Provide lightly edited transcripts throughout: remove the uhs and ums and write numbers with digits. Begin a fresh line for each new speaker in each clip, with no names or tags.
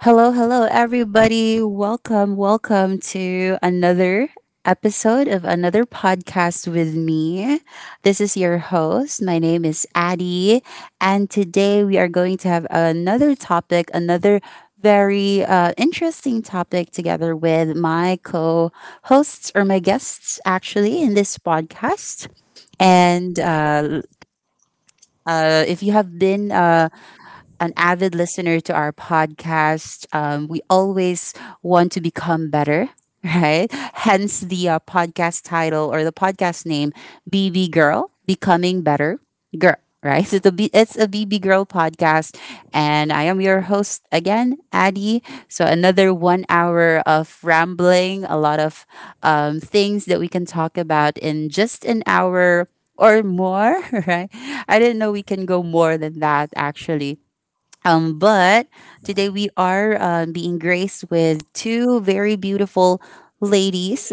Hello, hello, everybody. Welcome, welcome to another episode of another podcast with me. This is your host. My name is Addie, and today we are going to have another topic, another very interesting topic together with my co hosts or my guests actually in this podcast. And If you have been an avid listener to our podcast. We always want to become better, right? Hence the podcast title or the podcast name, BB Girl, Becoming Better Girl. Right, so it's a BB Girl podcast, and I am your host again, Addie. So another one hour of rambling, a lot of things that we can talk about in just an hour or more, right? I didn't know we can go more than that actually. But today we are being graced with two very beautiful ladies,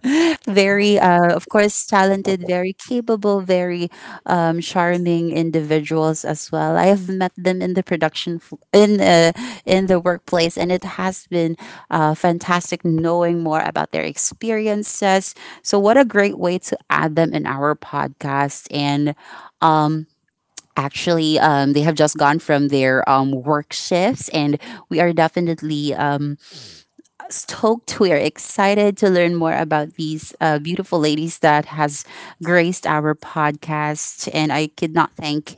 very, of course, talented, very capable, very charming individuals as well. I have met them in the production f- in the workplace, and it has been fantastic knowing more about their experiences. So, what a great way to add them in our podcast and. Um, Actually, they have just gone from their work shifts, and we are definitely stoked. We are excited to learn more about these beautiful ladies that has graced our podcast. And I could not thank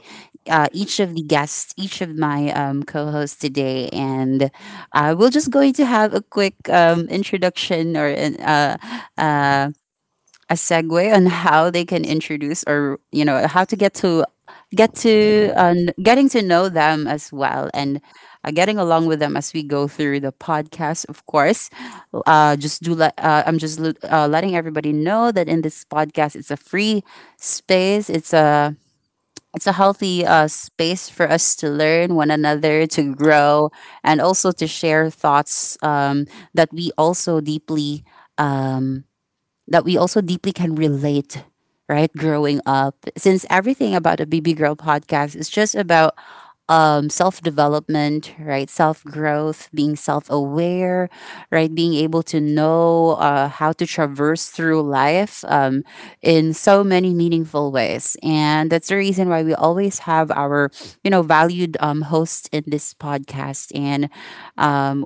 each of the guests, each of my co-hosts today, and we're just going to have a quick introduction or uh, a segue on how they can introduce or you know how to get to getting to know them as well and getting along with them as we go through the podcast, of course. Just do let I'm just letting everybody know that in this podcast space it's a it's a healthy space for us to learn one another, to grow and also to share thoughts, that we also deeply um, that we also deeply can relate, right? Growing up, since everything about a BB Girl podcast is just about self development, right? Self growth, being self aware, right? Being able to know how to traverse through life in so many meaningful ways. And that's the reason why we always have our, you know, valued hosts in this podcast. And um,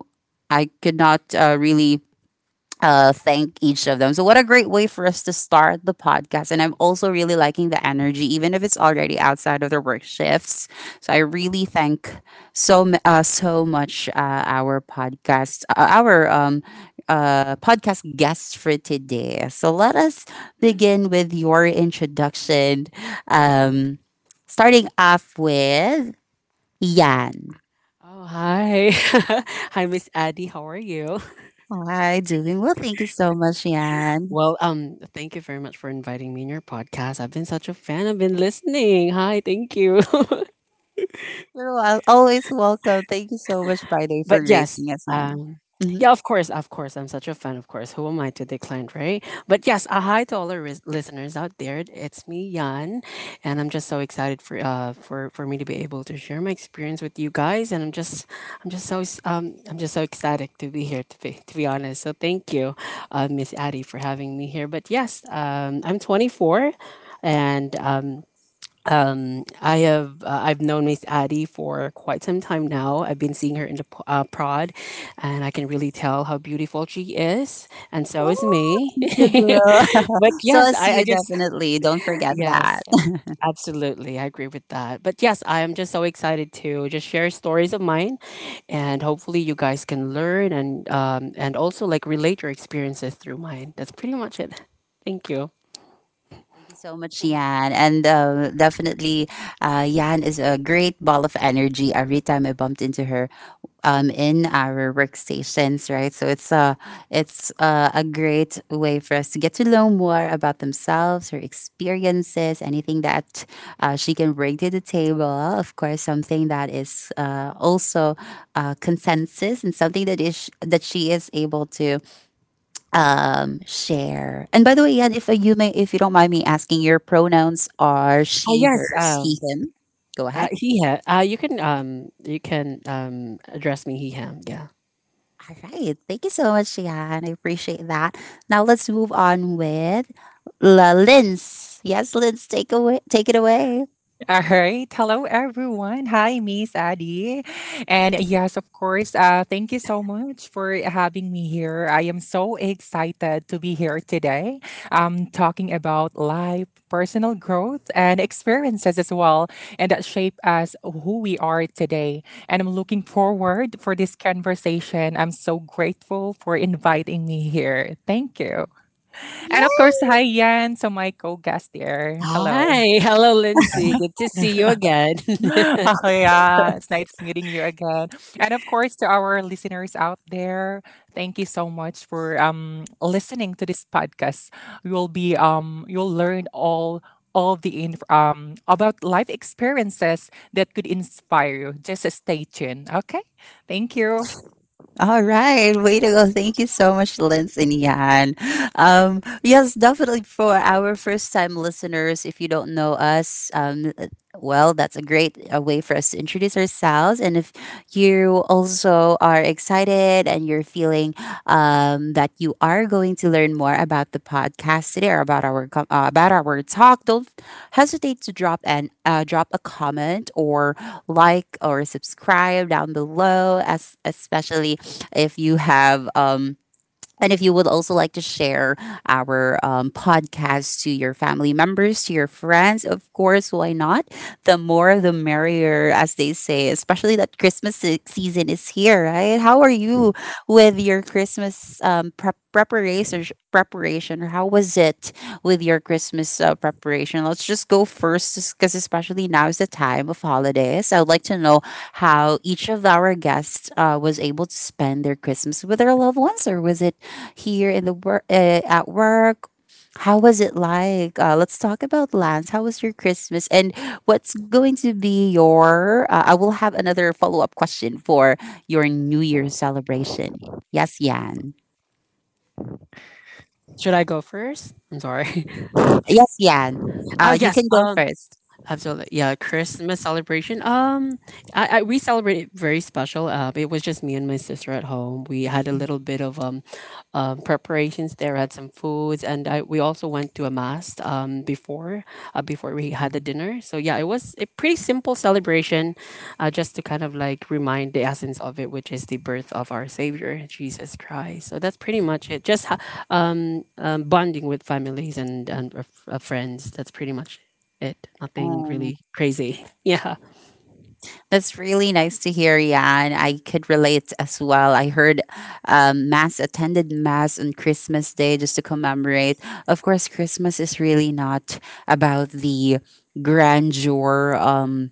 I could not really thank each of them. So, what a great way for us to start the podcast. And I'm also really liking the energy, even if it's already outside of their work shifts. So, I really thank so much our podcast guests for today. So, let us begin with your introduction. Um, Starting off with Yan.
Oh, hi. Hi, Miss Addie. How are you?
Hi, doing well. Thank you so much, Yan.
Well, thank you very much for inviting me in your podcast. I've been such a fan. I've been listening. Hi, thank you.
Always welcome. Thank you so much, Friday, for
But
gracing us, man.
um
Mm-hmm.
yeah of course, I'm such a fan. Of course Who am I to decline, right? But yes, a hi to all our listeners out there. It's me, Yan, and I'm just so excited for me to be able to share my experience with you guys, and I'm just so s- I'm just so ecstatic to be here, to be honest. So thank you, Miss Addie, for having me here. But yes, I'm 24, and I have I've known Miss Addie for quite some time now. I've been seeing her in the prod, and I can really tell how beautiful she is, and so is me.
Thank you, girl.
But
So,
yes,
as
I
you
just...
definitely don't forget
Yes,
that.
absolutely, I agree with that. But yes, I am just so excited to just share stories of mine, and hopefully you guys can learn and also like relate your experiences through mine. That's pretty much it. Thank you.
Thank you so much, Yan. And definitely, Yan is a great ball of energy. Every time I bumped into her, in our workstations, right? So a great way for us to get to know more about themselves, her experiences, anything that she can bring to the table. Of course, something that is also consensus and something that is that she is able to share. And by the way, Yan, if you may, if you don't mind me asking, your pronouns are
uh,
she,
yes
her, he,
um
him. Go ahead.
He, him. You can you can address me he, him. Yeah.
All right. Thank you so much, Jan. I appreciate that. Now let's move on with La Linz. Yes, Linz, take it away.
All right. Hello, everyone. Hi, Miss Adi. And yes, of course, thank you so much for having me here. I am so excited to be here today, talking about life, personal growth, and experiences as well, and that shape us who we are today. And I'm looking forward for this conversation. I'm so grateful for inviting me here. Thank you. And of course, hi, Yan. So my co-guest there. Hello.
Hi, hello, Lindsay. Good to see you again.
Oh, yeah. It's nice meeting you again. And of course, to our listeners out there, thank you so much for listening to this podcast. You'll be you'll learn all the about life experiences that could inspire you. Just stay tuned. Okay. Thank you.
All right, way to go. Thank you so much, Linz and Yan. Yes, definitely for our first time listeners, if you don't know us, well, that's a great way for us to introduce ourselves. And if you also are excited and you're feeling that you are going to learn more about the podcast today or about about our talk, don't hesitate to drop a comment or like or subscribe down below, as especially if you have and if you would also like to share our podcast to your family members, to your friends, of course, why not? The more the merrier, as they say, especially that season is here, right? How are you with your Christmas preparation? Preparation, or how was it with your Christmas preparation? Let's just go first, because especially now is the time of holidays. I would like to know how each of our guests was able to spend their Christmas with their loved ones, or was it here in the work at work? How was it like? Let's talk about Lance. How was your Christmas? And What's going to be your? I will have another follow up question for your New Year's celebration. Yes, Yan.
Should I go first? I'm sorry.
Yes, Yan.
Oh,
You
yes.
can go first.
Absolutely. Yeah, Christmas celebration. I we celebrated very special. It was just me and my sister at home. We had a little bit of preparations there, had some foods, and I we also went to a mass before before we had the dinner. So yeah, it was a pretty simple celebration just to kind of like remind the essence of it, which is the birth of our savior, Jesus Christ. So that's pretty much it. Just bonding with families and friends. That's pretty much it. Nothing
Oh,
really crazy. Yeah,
that's really nice to hear, Yan. I could relate as well. I heard mass attended mass on Christmas Day just to commemorate. Of course, Christmas is really not about the grandeur.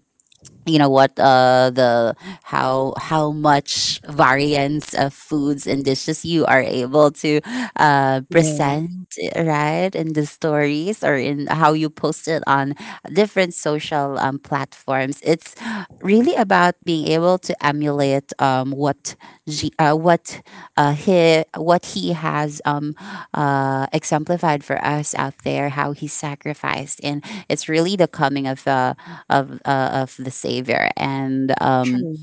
You know what, the how much variance of foods and dishes you are able to
yeah,
present, right, in the stories or in how you post it on different social platforms. It's really about being able to emulate what G, what he what he has exemplified for us out there, how he sacrificed. And it's really the coming of the Savior, and,
true.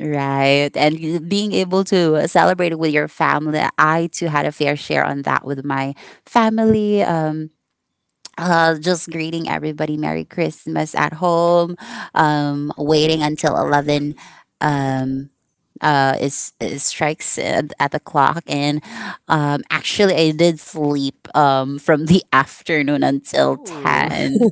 right, and being able to celebrate it with your family. I too had a fair share on that with my family. Just greeting everybody Merry Christmas at home, waiting until 11, um, is strikes at the clock. And actually, I did sleep from the afternoon until
Ooh.
10.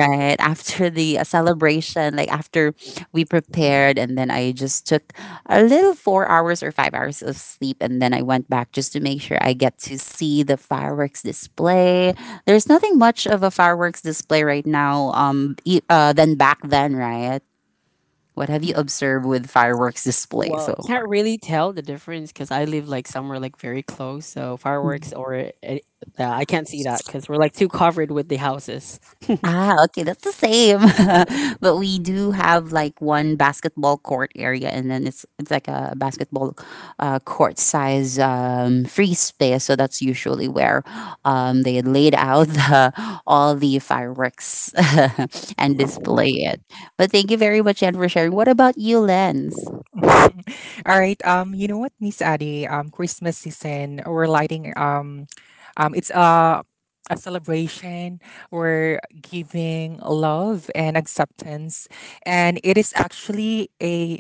Right. After the celebration, like after we prepared, and then I just took a little four hours or five hours of sleep. And then I went back just to make sure I get to see the fireworks display. There's nothing much of a fireworks display right now, than back then, right? What have you observed with fireworks display
Well,
so far?
can't really tell the difference because I live like somewhere like very close. So fireworks, or I can't see that because we're like too covered with the houses.
Ah, okay, that's the same. But we do have like one basketball court area, and then it's like a basketball court size free space. So that's usually where they laid out the, all the fireworks and display it. But thank you very much, Jen, for sharing. What about you, Lens?
All right. You know what, Miss Addy? Christmas season, we're lighting. It's a celebration. We're giving love and acceptance, and it is actually a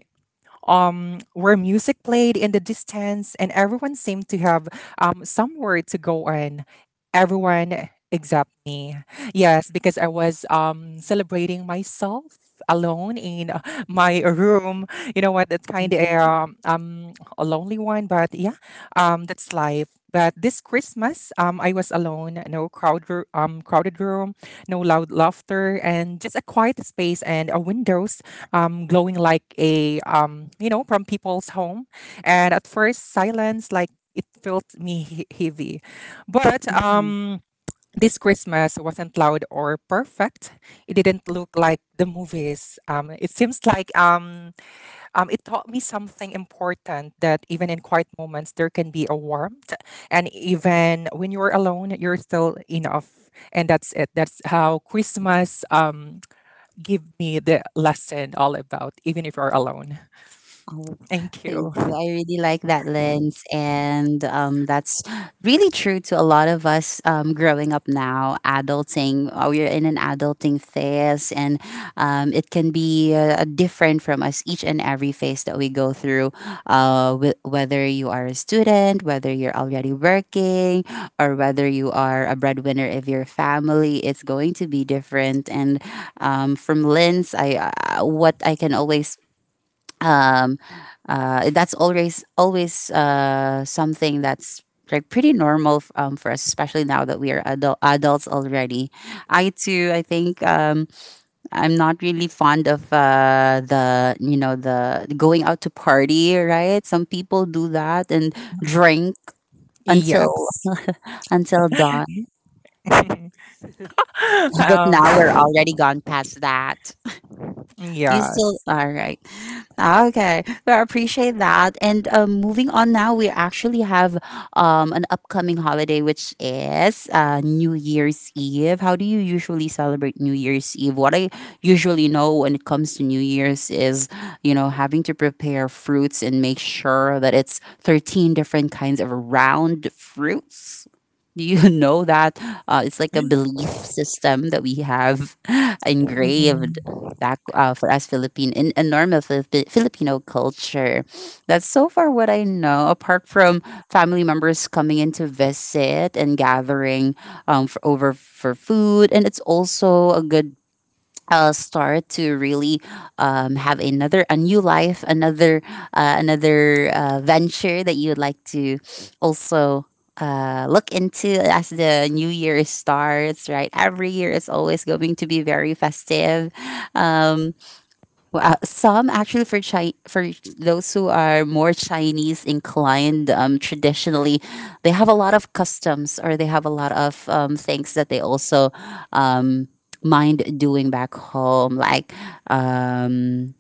where music played in the distance, and everyone seemed to have somewhere to go in. Everyone except me. Yes, because I was celebrating myself alone in my room. You know what? That kind of a lonely one, but yeah, that's life. But this Christmas, I was alone. No crowd, crowded room, no loud laughter, and just a quiet space and a window glowing like a you know, from people's home. And at first silence, like, it felt me heavy. But this Christmas wasn't loud or perfect. It didn't look like the movies. It seems like it taught me something important, that even in quiet moments there can be a warmth, and even when you're alone you're still enough. And that's it. That's how Christmas give me the lesson, all about even if you're alone.
Oh,
Thank you.
thank you. I really like that, lens. And that's really true to a lot of us growing up now, adulting. We're in an adulting phase, and it can be different from us each and every phase that we go through, whether you are a student, whether you're already working, or whether you are a breadwinner of your family. It's going to be different. And from lens, I what I can always um, that's always something that's like pretty normal for us, especially now that we are adults already. I too, I think I'm not really fond of the, you know, the going out to party, right? Some people do that and drink until
Yes.
until dawn, but
um,
now we're already gone past that. You still
yes.
all right? Okay, so I appreciate that. And moving on now, we actually have an upcoming holiday, which is New Year's Eve. How do you usually celebrate New Year's Eve? What I usually know when it comes to New Year's is, you know, having to prepare fruits and make sure that it's 13 different kinds of round fruits. Do you know that it's like a belief system that we have engraved back for us Philippine in a normal Filipino culture. That's so far what I know. Apart from family members coming in to visit and gathering over for food, and it's also a good start to really have another a new life, another venture that you would like to also look into as the new year starts. Right, every year is always going to be very festive. Um, some actually for those who are more Chinese inclined, traditionally, they have a lot of customs or they have a lot of things that they also um, mind doing back home, like um,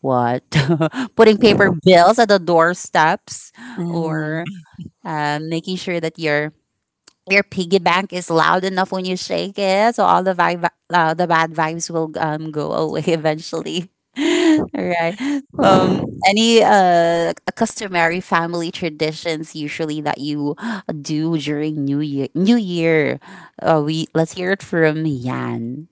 what putting paper bills at the doorsteps
Mm.
or making sure that your piggy bank is loud enough when you shake it, so all the bad vibes will go away eventually. All right. Um, any customary family traditions usually that you do during New Year? We Let's hear it from Yan.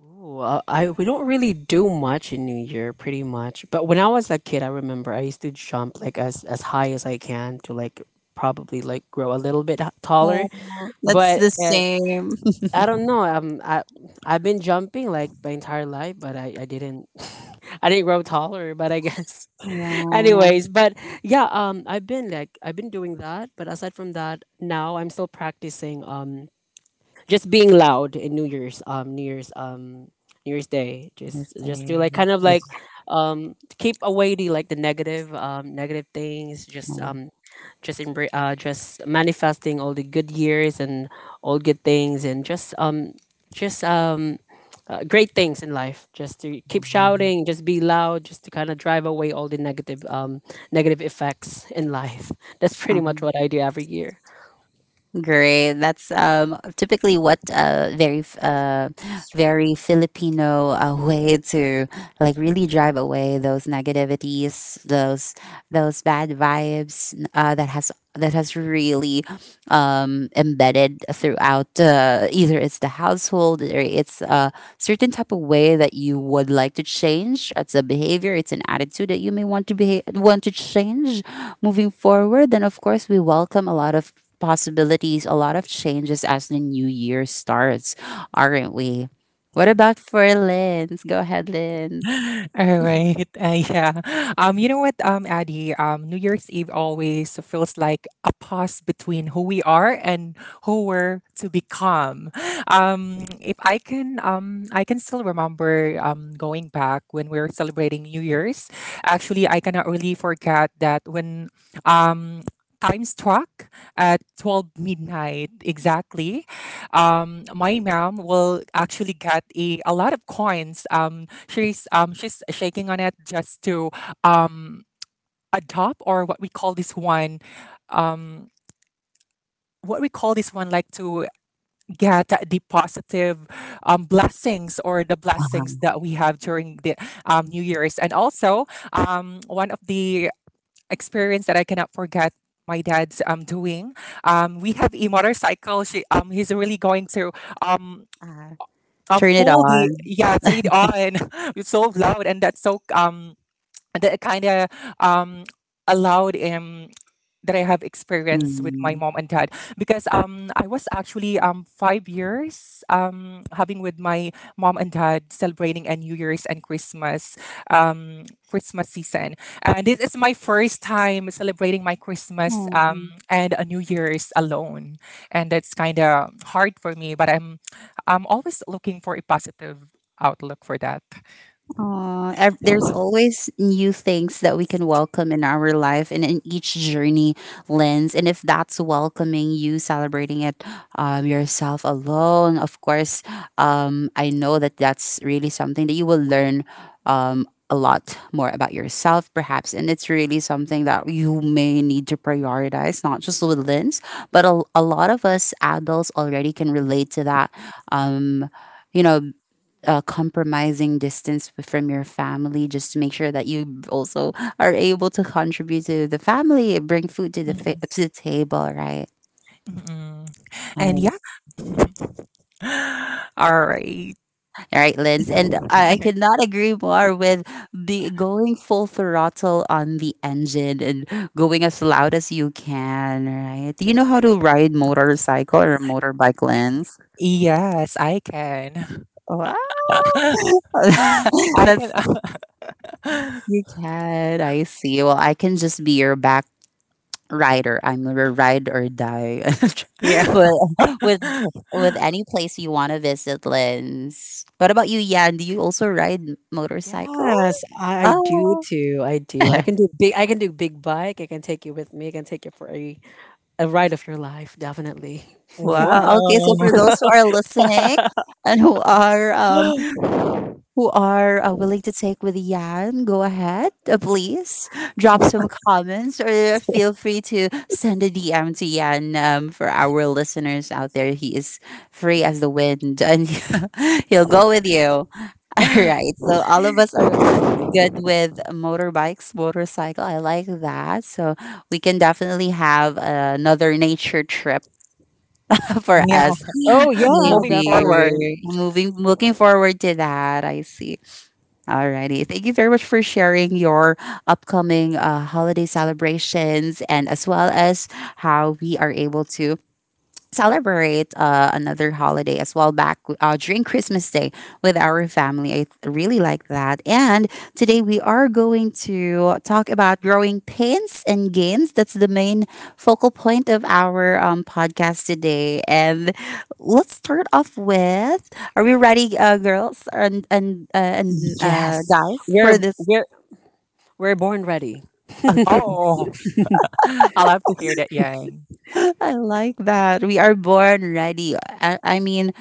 Ooh, I We don't really do much in New Year, pretty much. But when I was a kid, I remember I used to jump like as high as I can to like probably like grow a little bit taller.
Oh, that's
But
the same.
I don't know. I've been jumping like my entire life, but I didn't... I didn't grow taller. But I guess
Yeah,
anyways. But yeah, I've been doing that. But aside from that, now I'm still practicing. Just being loud in New Year's Day,
that's
just to like kind of
it.
like to keep away the like the negative negative things, just just manifesting all the good years and all good things, and just just um great things in life, just to keep shouting, just be loud, just to kind of drive away all the negative negative effects in life. That's pretty much what I do every year.
Great. That's typically what very Filipino way to like really drive away those negativities, those bad vibes that has really embedded throughout, either it's the household or it's a certain type of way that you would like to change. It's a behavior, it's an attitude that you may want to be want to change moving forward. Then of course we welcome a lot of possibilities, a lot of changes as the new year starts, aren't we? What about for Lynn? Go ahead, Lynn.
All right. Yeah. You know what, Addy? New Year's Eve always feels like a pause between who we are and who we're to become. If I can, I can still remember going back when we were celebrating New Year's. Actually, I cannot really forget that when um, time struck at 12 midnight exactly. My mom will actually get a lot of coins. She's, she's shaking on it just to um adopt, or what we call this one, like to get the positive blessings, or the blessings that we have during the New Year's. And also, one of the experience that I cannot forget, my dad's doing, we have a motorcycle. She, he's really going to um,
Uh, Turn it
fool the,
on.
yeah, it's read on. It's so loud, and that's so that kind of um allowed, that I have experience with my
Mm.
mom and dad, because I was actually 5 years having with my mom and dad celebrating a New Year's and Christmas, Christmas season. And this is my first time celebrating my Christmas and a New Year's alone, and that's kind of hard for me, but I'm always looking for a positive outlook for that.
Aw, there's always new things that we can welcome in our life and in each journey, Lens. And if that's welcoming you, celebrating it yourself alone, of course, I know that that's really something that you will learn a lot more about yourself, perhaps. And it's really something that you may need to prioritize, not just with Lens, but a lot of us adults already can relate to that. Um, you know, Compromising distance from your family just to make sure that you also are able to contribute to the family and bring food to the
Mhm.
to the table, right?
Mhm. And
Um,
yeah, all right.
all right, Linz, and I cannot agree more with the going full throttle on the engine and going as loud as you can, right? Do you know how to ride motorcycle or motorbike, Linz?
Yes, I can.
Wow.
I can.
That's, you can. I see. Well, I can just be your back rider. I'm a ride or die
Yeah.
with with with any place you want to visit, Lens. What about you, Yan? Do you also ride motorcycle?
Yes, I do
Oh,
too. I do. I can do big bike. I can take you with me. I can take you for a ride of your life. Definitely.
Whoa.
wow. Okay, so for those who are listening and who are willing to take with Yan, go ahead, please drop some comments or feel free to send a DM to Yan for our listeners out there. He is free as the wind and he'll go with you. All right. So, all of us are good with motorbikes, motorcycle. I like that. So, we can definitely have another nature trip for
Yeah,
us.
Oh yeah,
moving
Maybe
forward.
definitely.
looking forward to that. I see. Alrighty. Thank you very much for sharing your upcoming holiday celebrations, and as well as how we are able to celebrate another holiday as well back during Christmas Day with our family. I really like that. And today we are going to talk about growing pains and gains. That's the main focal point of our podcast today. And let's start off with — are we ready, girls and
Yes,
guys, for
we're
this?
we're we're born ready.
Okay.
Oh, I love to hear that, Yang.
I like that. We are born ready. I mean,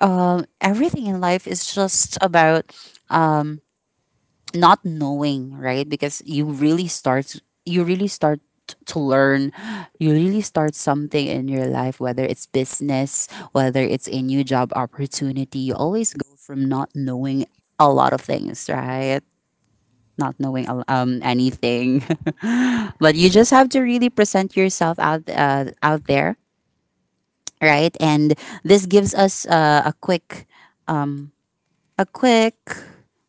everything in life is just about um, not knowing, right? Because you really start to learn. You really start something in your life, whether it's business, whether it's a new job opportunity. You always go from not knowing a lot of things, right? Not knowing anything, but you just have to really present yourself out there, right? And this gives us a quick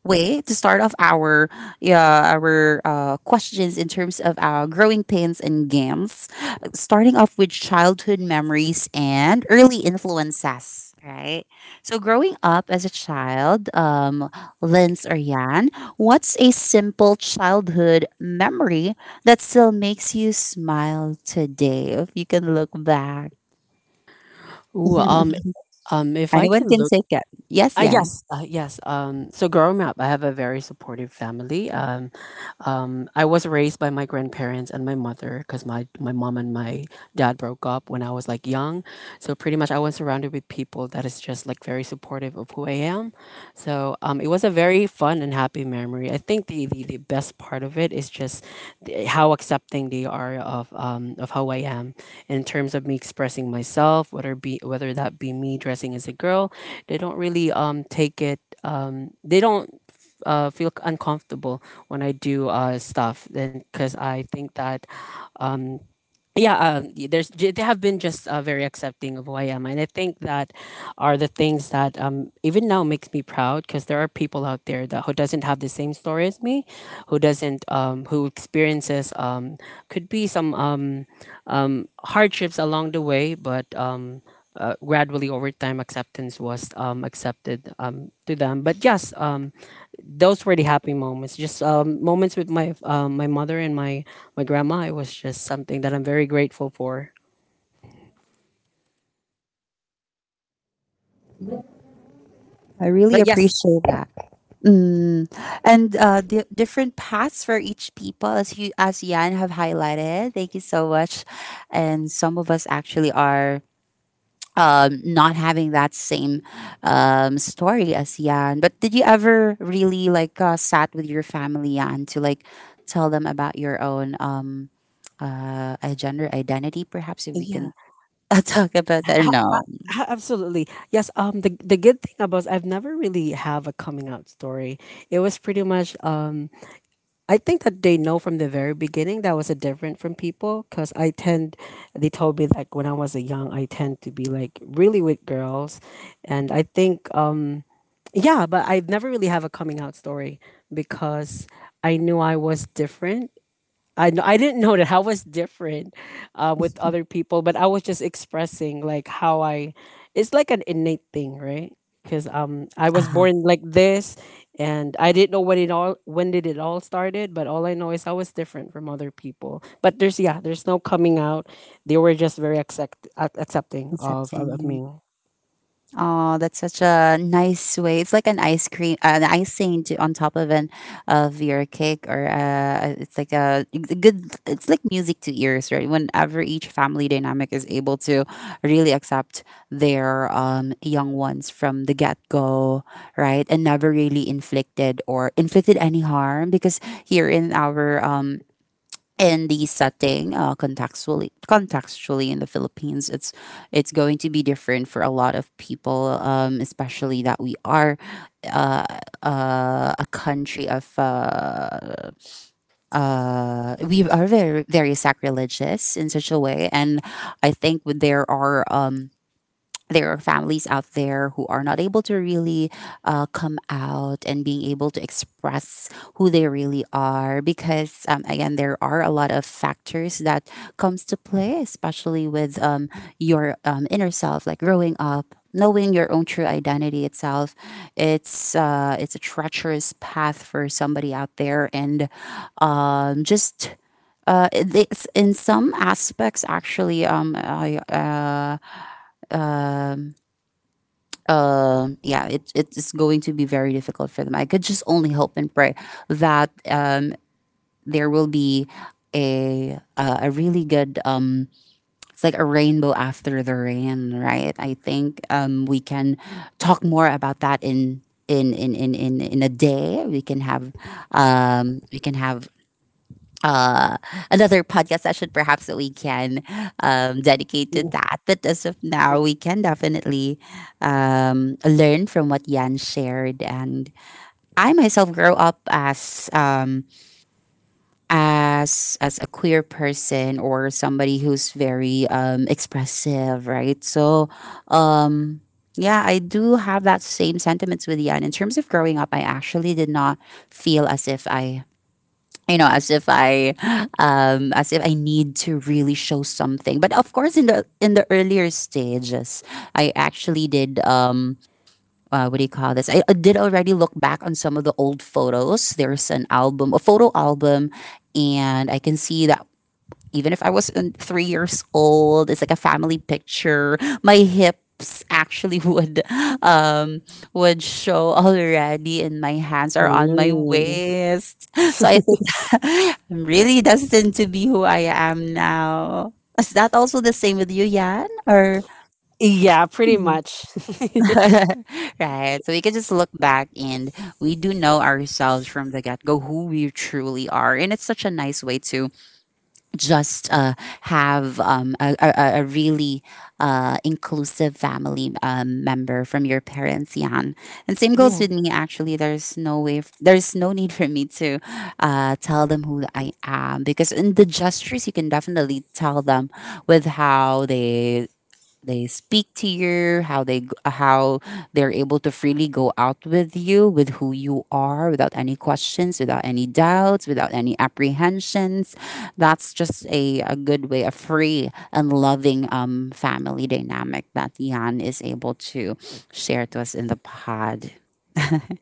way to start off our questions in terms of our growing pains and games, starting off with childhood memories and early influences, right? So growing up as a child, Linz or Yan, what's a simple childhood memory that still makes you smile today if you can look back?
Ooh, um, if I
Anyone
can
can
look,
say that. Yes. Yeah.
yes. So growing up, I have a very supportive family. I was raised by my grandparents and my mother because my mom and my dad broke up when I was like young. So pretty much I was surrounded with people that is just like very supportive of who I am. So it was a very fun and happy memory. I think the best part of it is just how accepting they are of how I am in terms of me expressing myself, whether that be me dressing as a girl. They don't really take it, they don't feel uncomfortable when I do stuff. Then because I think that, um, yeah, there's... they have been just very accepting of who I am, and I think that are the things that even now makes me proud, because there are people out there that who doesn't have the same story as me, who doesn't who experiences could be some hardships along the way, but... gradually over time acceptance was accepted to them. But yes, those were the happy moments, just moments with my my mother and my grandma. It was just something that I'm very grateful for.
I really
But yes.
appreciate that. Mm. And different paths for each people, as you as Yan have highlighted. Thank you so much. And some of us actually are not having that same story as Yan. But did you ever really like sat with your family, Yan, to like tell them about your own gender identity? Perhaps if we
Yeah,
can talk about that. No,
absolutely yes. The good thing about... I've never really have a coming out story. It was pretty much I think that they know from the very beginning that I was a different from people because I tend they told me like when I was a young I tend to be like really with girls, and I think yeah. But I've never really have a coming out story because I knew I was different. I didn't know that I was different with other people, but I was just expressing like how I... It's like an innate thing, right? Because I was
uh-huh.
born like this, and I didn't know when it all started. But all I know is I was different from other people. But there's... yeah, there's no coming out. They were just very accepting of of
Accepting.
me.
Oh, that's such a nice way. It's like an ice cream, an icing to, on top of an of your cake, or it's like a, it's a good. It's like music to ears, right? Whenever each family dynamic is able to really accept their young ones from the get go, right, and never really inflicted any harm, because here in our in the setting, contextually in the Philippines, it's going to be different for a lot of people, especially that we are uh, a country of we are very, very sacrilegious in such a way, and I think there are families out there who are not able to really come out and being able to express who they really are, because again, there are a lot of factors that comes to play, especially with your inner self, like growing up, knowing your own true identity itself. It's it's a treacherous path for somebody out there, and just in some aspects, actually, it's going to be very difficult for them. I could just only hope and pray that there will be a really good. It's like a rainbow after the rain, right? I think we can talk more about that in a day. We can have we can have uh, another podcast session perhaps that we can dedicate to that. But as of now, we can definitely learn from what Yan shared. And I myself grow up as as a queer person or somebody who's very expressive, right? So um, yeah, I do have that same sentiments with Yan. In terms of growing up, I actually did not feel as if I you know as if I need to really show something, but of course in the earlier stages I actually did what do you call this, I did already look back on some of the old photos. There's an album, a photo album, and I can see that even if I was in 3 years old, it's like a family picture. My hips actually um would show already, and my hands are on my
Mm.
waist. So I think I'm really destined to be who I am now. Is that also the same with you, Yan? Or
Yeah, pretty much.
right. So we can just look back, and we do know ourselves from the get go who we truly are. And it's such a nice way to just have a really inclusive family member from your parents, Jan. And same goes
Yeah.
with me. Actually, there's no way, there's no need for me to tell them who I am, because in the gestures you can definitely tell them with how they speak to you, how they're able to freely go out with you, with who you are, without any questions, without any doubts, without any apprehensions. That's just a good way, a free and loving family dynamic that Yan is able to share to us in the pod.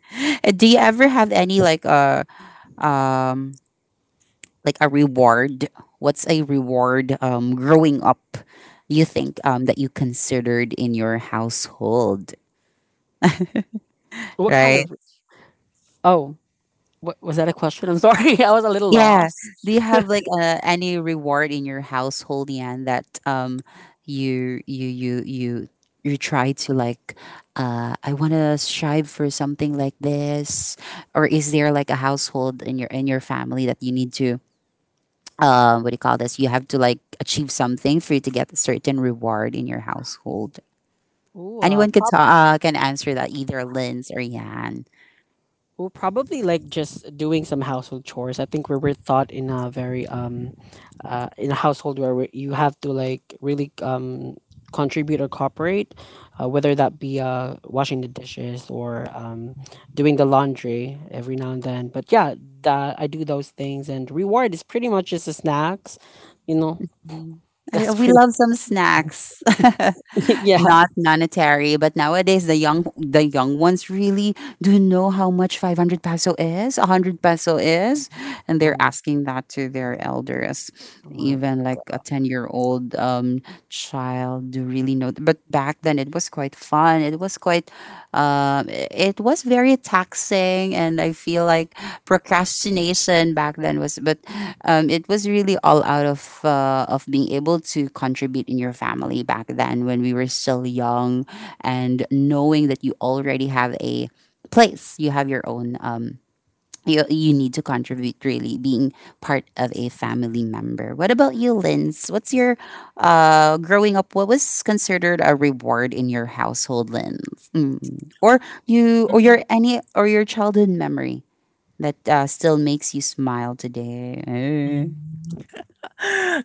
Do you ever have any um like a reward? What's a reward growing up, you think that you considered in your household,
What kind
right?
of? Oh, what, was that a question? I'm sorry, I was a little
Yeah. Do
lost.
you have like any reward in your household, Yan, that you you you you you try to like I want to strive for something like this? Or is there like a household in your family that you need to what do you call this? You have to like achieve something for you to get a certain reward in your household.
Ooh, uh,
Anyone could
prob-
talk, can answer that, either Linz or Yan.
Ooh, probably like just doing some household chores. I think we were taught in a very in a household where you have to like really contribute or cooperate, whether that be washing the dishes or doing the laundry every now and then. But yeah, that I do those things, and reward is pretty much just the snacks, you know.
Mm. I,
That's
we love some snacks,
yeah.
not monetary, but nowadays the young ones really do know how much ₱500 is, ₱100 is, and
Oh
they're
my,
asking that to their elders.
oh my.
Even like a 10-year-old child do really know, but back then it was quite fun. It was quite it was very taxing, and I feel like procrastination back then was, but it was really all out of being able to contribute in your family back then when we were still young, and knowing that you already have a place, you have your own, you need to contribute, really being part of a family member. What about you, Linz? What's your growing up, what was considered a reward in your household, Linz? Mm. Or you, or your any, or your childhood memory that still makes you smile today?
Mm.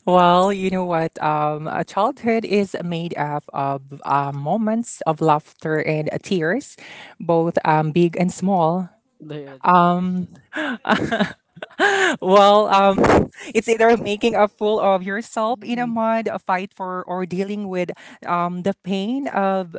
Well, you know what? A childhood is made up of moments of laughter and tears, both big and small.
Later to do.
Well, it's either making a fool of yourself in a mud a fight for, or dealing with the pain of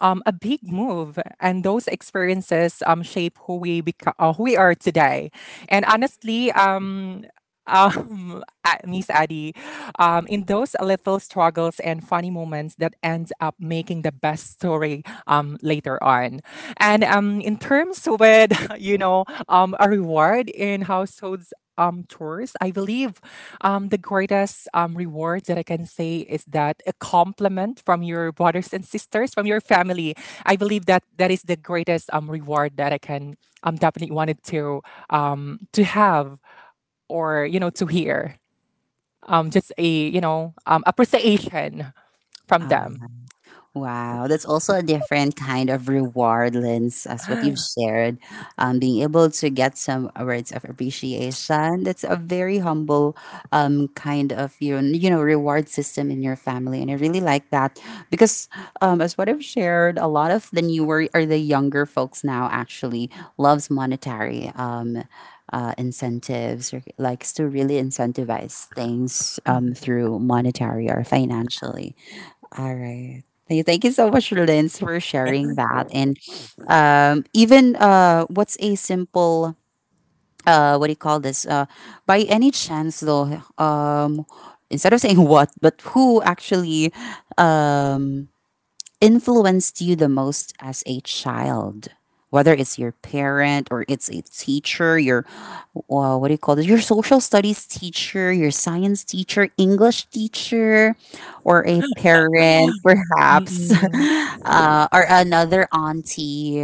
a big move, and those experiences shape who we become, who we are today. And honestly, Miss Addy, in those little struggles and funny moments that ends up making the best story later on. And in terms with you know, a reward in households. Chores. I believe the greatest reward that I can say is that a compliment from your brothers and sisters, from your family. I believe that that is the greatest reward that I can definitely wanted to have, or, you know, to hear. Just a, you know, appreciation from
Eh.
them.
Wow, that's also a different kind of reward, Lens, as what you've
Mhm.
shared. Being able to get some words of appreciation, that's a very humble kind of you know reward system in your family, and I really like that, because as what I've shared, a lot of the newer or the younger folks now actually loves monetary incentives, or likes to really incentivize things through monetary or financially. All right. Thank you so much, Lynn, for sharing that. And even what's a simple, what do you call this? By any chance, though, instead of saying what, but who actually um, influenced you the most as a child? Whether it's your parent or it's a teacher, your what do you call this? Your social studies teacher, your science teacher, English teacher, or a parent, perhaps,
Mm-mm. Mm-mm.
or another auntie,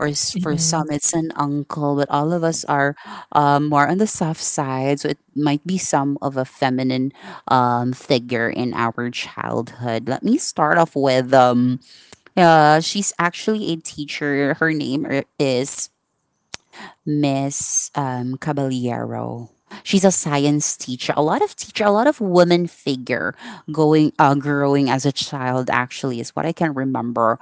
for
Mm-mm.
some it's an uncle. But all of us are more on the soft side, so it might be some of a feminine figure in our childhood. Let me start off with, she's actually a teacher. Her name is Miss Caballero. She's a science teacher. A lot of teacher, a lot of woman figure going growing as a child. Actually, is what I can remember.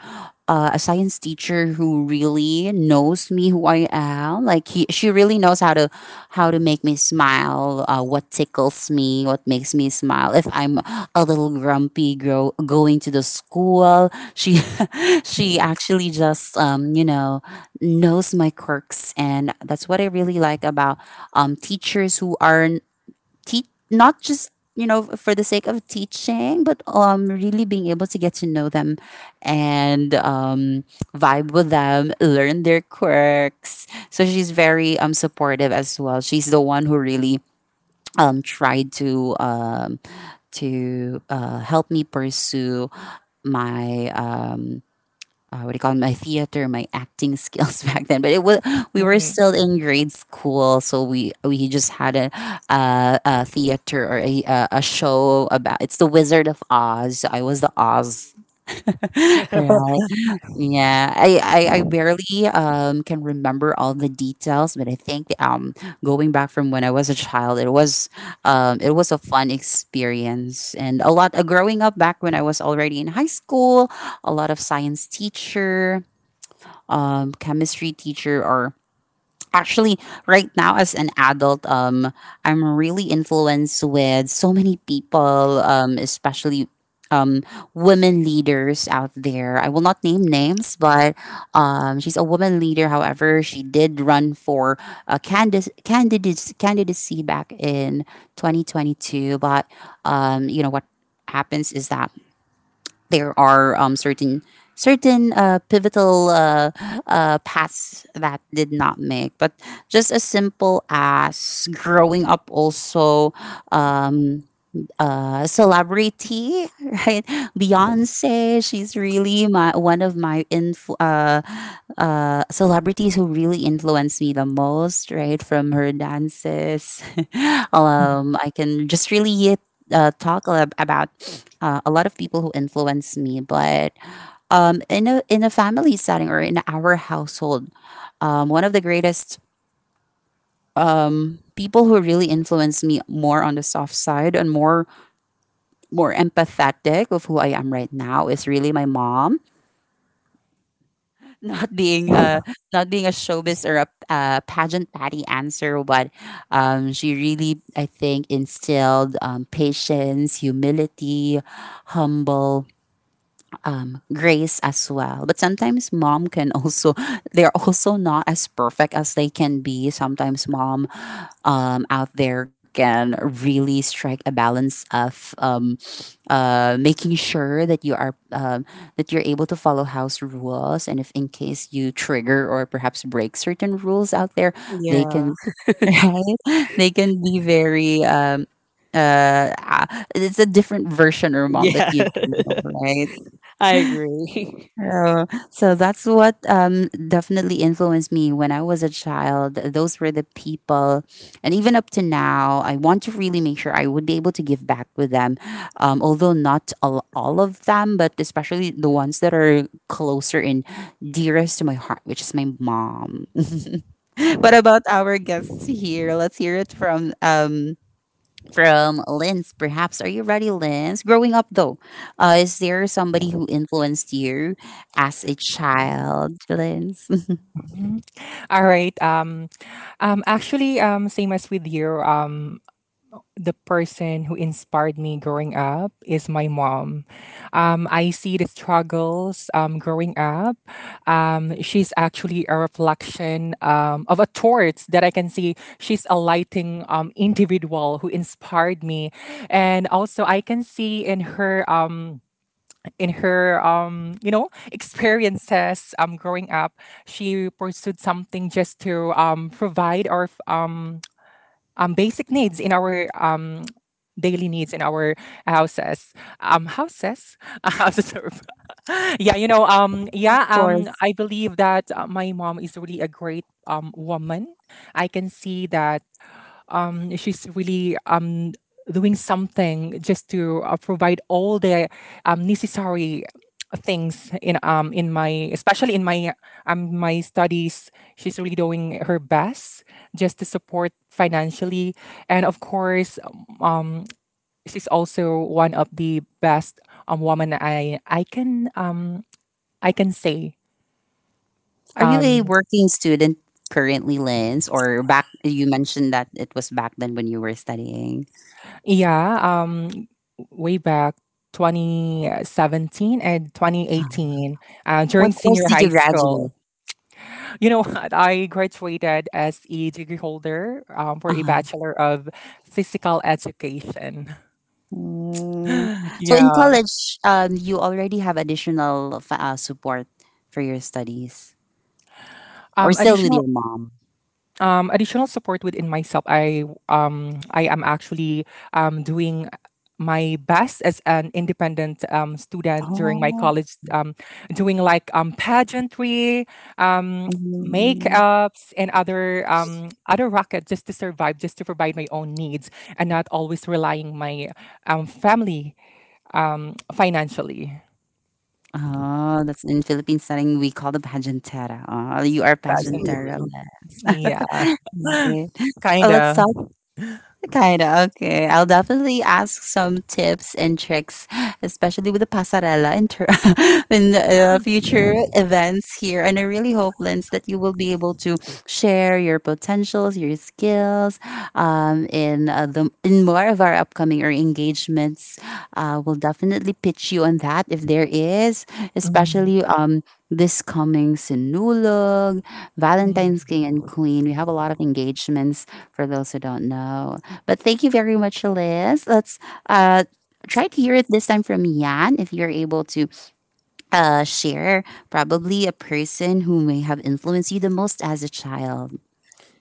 A science teacher who really knows me, who I am. She really knows how to, how to make me smile. What tickles me, what makes me smile. If I'm a little grumpy, going to the school, she, she actually just, you know, knows my quirks, and that's what I really like about teachers who are not just, you know, for the sake of teaching, but really being able to get to know them, and vibe with them, learn their quirks. So she's very supportive as well. She's the one who really tried to, to help me pursue my, what do you call it, my theater, my acting skills back then. But it was, we were still in grade school, so we just had a theater, or a show about, it's the Wizard of Oz. I was the Oz, right? Yeah, I barely can remember all the details, but I think going back from when I was a child, it was, it was a fun experience, and a lot growing up back when I was already in high school. A lot of science teacher, chemistry teacher, or actually right now as an adult, I'm really influenced with so many people, especially um, women leaders out there. I will not name names, but she's a woman leader. However, she did run for a candidacy back in 2022. But you know what happens is that there are certain, certain pivotal, paths that did not make. But just as simple as growing up, also um, celebrity, right? Beyonce, she's really my one of my celebrities who really influenced me the most, right? From her dances, I can just really about a lot of people who influenced me, but. In a, in a family setting, or in our household, one of the greatest people who really influenced me more on the soft side, and more, more empathetic of who I am right now, is really my mom. Not being a, not being a showbiz, or a pageant patty answer, but she really, I think, instilled patience, humility, humble grace as well. But sometimes mom can also, they're also not as perfect as they can be. Sometimes mom out there can really strike a balance of, making sure that you are, that you're able to follow house rules, and if in case you trigger or perhaps break certain rules out there, they
Yeah.
can right? They can be very it's a different version or mom that
Yeah,
you do, know, right?
I agree.
Oh, so that's what definitely influenced me when I was a child. Those were the people, and even up to now, I want to really make sure I would be able to give back with them. Although not all, all of them, but especially the ones that are closer and dearest to my heart, which is my mom. What about our guests here? Let's hear it from, from Linz, perhaps. Are you ready, Linz? Growing up, though, is there somebody who influenced you as a child, Linz?
Mhm. All right. Actually, same as with you, the person who inspired me growing up is my mom. I see the struggles growing up. She's actually a reflection of a torch that I can see. She's a lighting individual who inspired me, and also I can see in her, in her, you know, experiences growing up, she pursued something just to provide or basic needs in our daily needs in our houses. Houses, houses. Yeah, you know.
Of
Yeah.
course.
I believe that, my mom is really a great woman. I can see that she's really doing something just to provide all the necessary things in, in my, especially in my my studies, she's really doing her best just to support financially. And of course, um she's also one of the best woman I can I can say,
Are you
um,
a working student currently, Linz? Or back, you mentioned that it was back then when you were studying.
Yeah, way back 2017 and
Uh,
2018, during
What course
senior
did
high
you
school.
graduate?
You know what? I graduated as a degree holder for a
Uh-huh.
Bachelor of Physical Education.
Mm. So in
Yeah.
college, you already have additional support for your studies, or still with
Additional
your mom?
additional support within myself. I am actually doing my best as an independent student during my
Oh.
college, doing like pageantry, um, makeups, and other other racket just to survive, just to provide my own needs, and not always relying my family financially.
Oh, that's in Philippine setting, we call the pageantera. Oh, you are
Fashion,
pageantera.
Mm.
yeah,
Okay. Oh, let's
kinda.
talk. Kind of. Okay. I'll definitely ask some tips and tricks, especially with the pasarela in, in future events here. And I really hope, Linz, that you will be able to share your potentials, your skills, in the, in more of our upcoming or engagements. We'll definitely pitch you on that if there is,
Mm,
especially this coming Sinulog, Valentine's
mm,
King and Queen. We have a lot of engagements, for those who don't know. But thank you very much, Liz. Let's, uh, try to hear it this time from Yan, if you're able to share probably a person who may have influenced you the most as a child.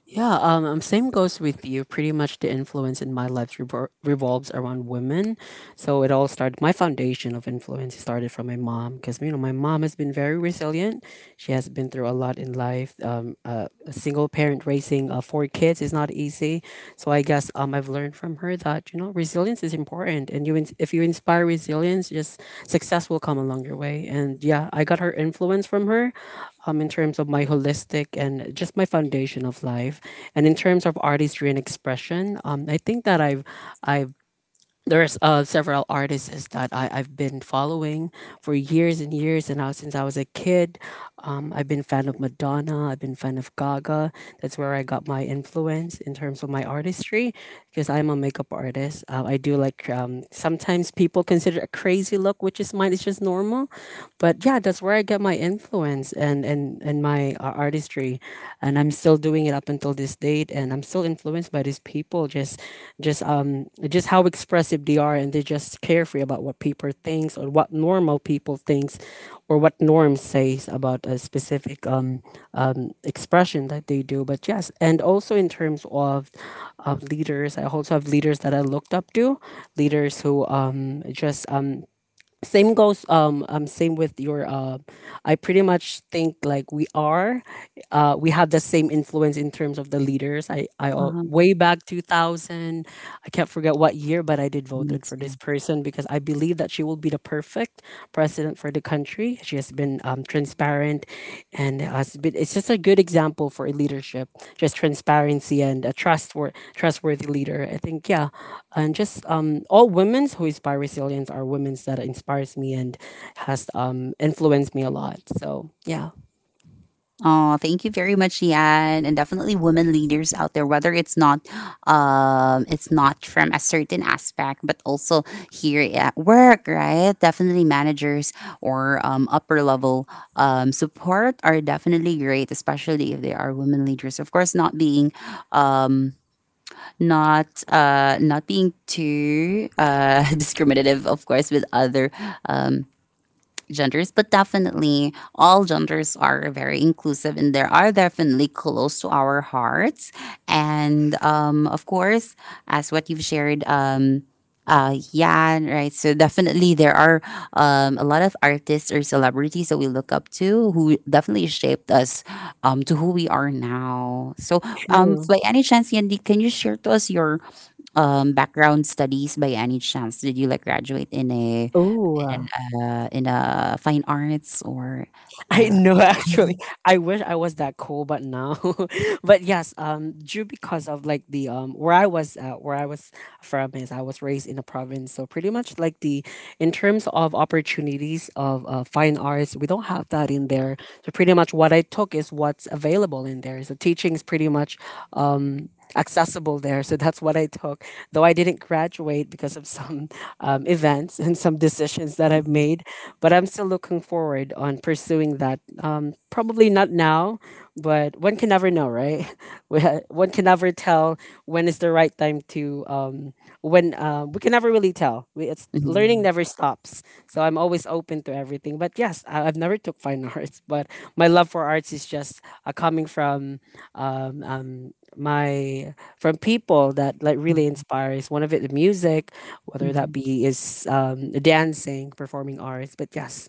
Yeah, same goes with you. Pretty much the influence in my life revolves around women. So it all started, my foundation of influence started from my mom because, you know, my mom has been very resilient. She has been through a lot in life. A single parent raising four kids is not easy. So I guess I've learned from her that, you know, resilience is important, and if you inspire resilience, just success will come along your way. And yeah, I got her influence from her, in terms of my holistic and just my foundation of life, and in terms of artistry and expression. I think that I've there's several artists that I've been following for years and years and now since I was a kid. I've been fan of Madonna, I've been fan of Gaga. That's where I got my influence in terms of my artistry, because I'm a makeup artist. I do like sometimes people consider a crazy look, which is mine, it's just normal. But yeah, that's where I get my influence, and my artistry, and I'm still doing it up until this date, and I'm still influenced by these people. Just just how expressive they are, and they just carefree about what people thinks, or what normal people thinks, or what norm says about a specific expression that they do. But yes, and also in terms of leaders, I also have leaders that I looked up to, leaders who just same goes same with your I pretty much think like we are we have the same influence in terms of the leaders.
Um,
Way back 2000, I can't forget what year, but I did voted for this person because I believe that she will be the perfect president for the country. She has been transparent, and has been... it's just a good example for leadership, just transparency and a trustworthy leader, I think. Yeah. And just all women who inspire resilience are women that inspires me and has influenced me a lot. So yeah.
Oh, thank you very much, Yan, and definitely women leaders out there. Whether it's not from a certain aspect, but also here at work, right? Definitely managers, or upper level support are definitely great, especially if they are women leaders. Of course, not being, not being too discriminative, of course, with other genders, but definitely all genders are very inclusive, and they are definitely close to our hearts. And of course, as what you've shared, yeah, right. So definitely there are a lot of artists or celebrities that we look up to, who definitely shaped us to who we are now. So
True.
by any chance, Yandy, can you share to us your background studies by any chance? Did you like graduate in a,
Oh,
in an, in a fine arts, or?
I
Uh,
know actually. I wish I was that cool, but no. But yes, due because of like the where I was from is I was raised in a province. So pretty much like the in terms of opportunities of fine arts, we don't have that in there. So pretty much what I took is what's available in there. So teaching is pretty much um accessible there. So that's what I took. Though I didn't graduate because of some events and some decisions that I've
mhm,
made, but I'm still looking forward on pursuing that. Probably not now, but one can never know, right? One can never tell when is the right time to when we can never really tell. It's learning
mhm,
never stops. So I'm always open to everything. But yes, I've never took fine arts, but my love for arts is just coming from um, um, my from people that like really
mhm,
inspires one of it, the music, whether
mhm.
that be is dancing, performing arts. But yes.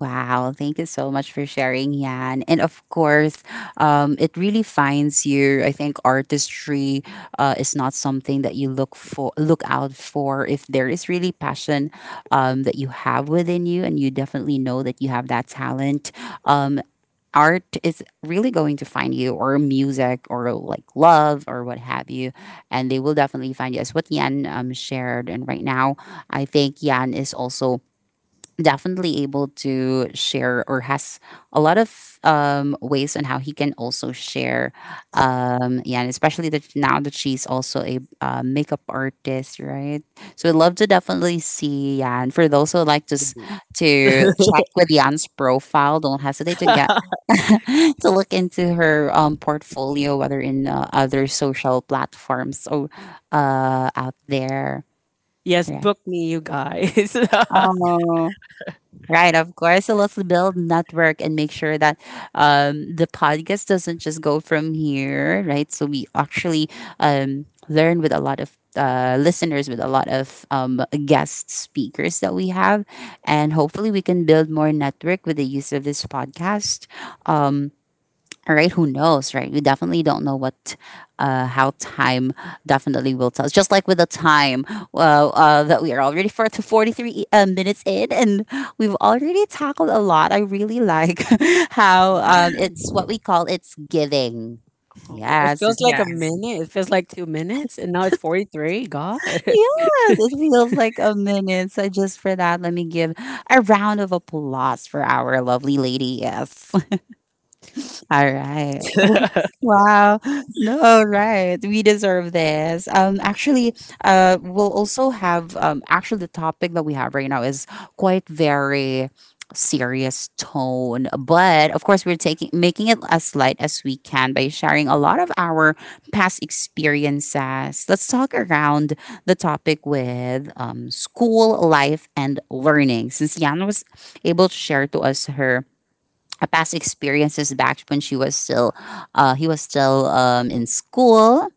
Wow, thank you so much for sharing, Yan. And of course, it really finds you. I think artistry is not something that you look for, look out for. If there is really passion that you have within you, and you definitely know that you have that talent, um, art is really going to find you, or music, or like love, or what have you, and they will definitely find you, as what Yan shared. And right now I think Yan is also definitely able to share, or has a lot of ways on how he can also share, yeah, and especially that now that she's also a makeup artist, right? So we'd love to definitely see Yan. For those who like to to check with Yan's profile, don't hesitate to get to look into her portfolio, whether in other social platforms, or out there.
Yes,
Right.
book me, you guys.
Oh, right. Of course. So let's build network, and make sure that the podcast doesn't just go from here, right? So we actually learn with a lot of listeners, with a lot of guest speakers that we have, and hopefully we can build more network with the use of this podcast. Um, All right, who knows, right? We definitely don't know what, how time definitely will tell us. Just like with the time, well, that we are already 43 minutes in, and we've already tackled a lot. I really like how it's what we call, it's giving.
It
Yes,
feels
it's
like a
yes,
minute, it feels like 2 minutes, and now it's 43, god.
Yes, it feels like a minute. So just for that, let me give a round of applause for our lovely lady. Yes. All right. Oh, wow. No, right. We deserve this. We'll also have actually the topic that we have right now is quite very serious tone, but of course we're taking making it as light as we can by sharing a lot of our past experiences. Let's talk around the topic with school life and learning. Since Yana was able to share to us her past experiences back when she was still in school,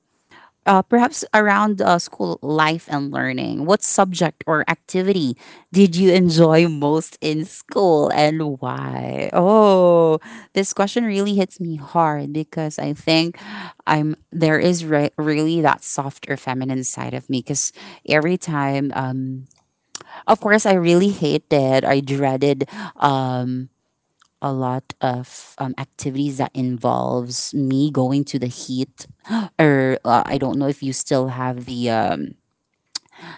perhaps around school life and learning, what subject or activity did you enjoy most in school and why? Oh, this question really hits me hard because I think I'm there is re- really that softer, feminine side of me. Because every time, of course, I really hated I dreaded um, a lot of activities that involves me going to the heat or I don't know if you still have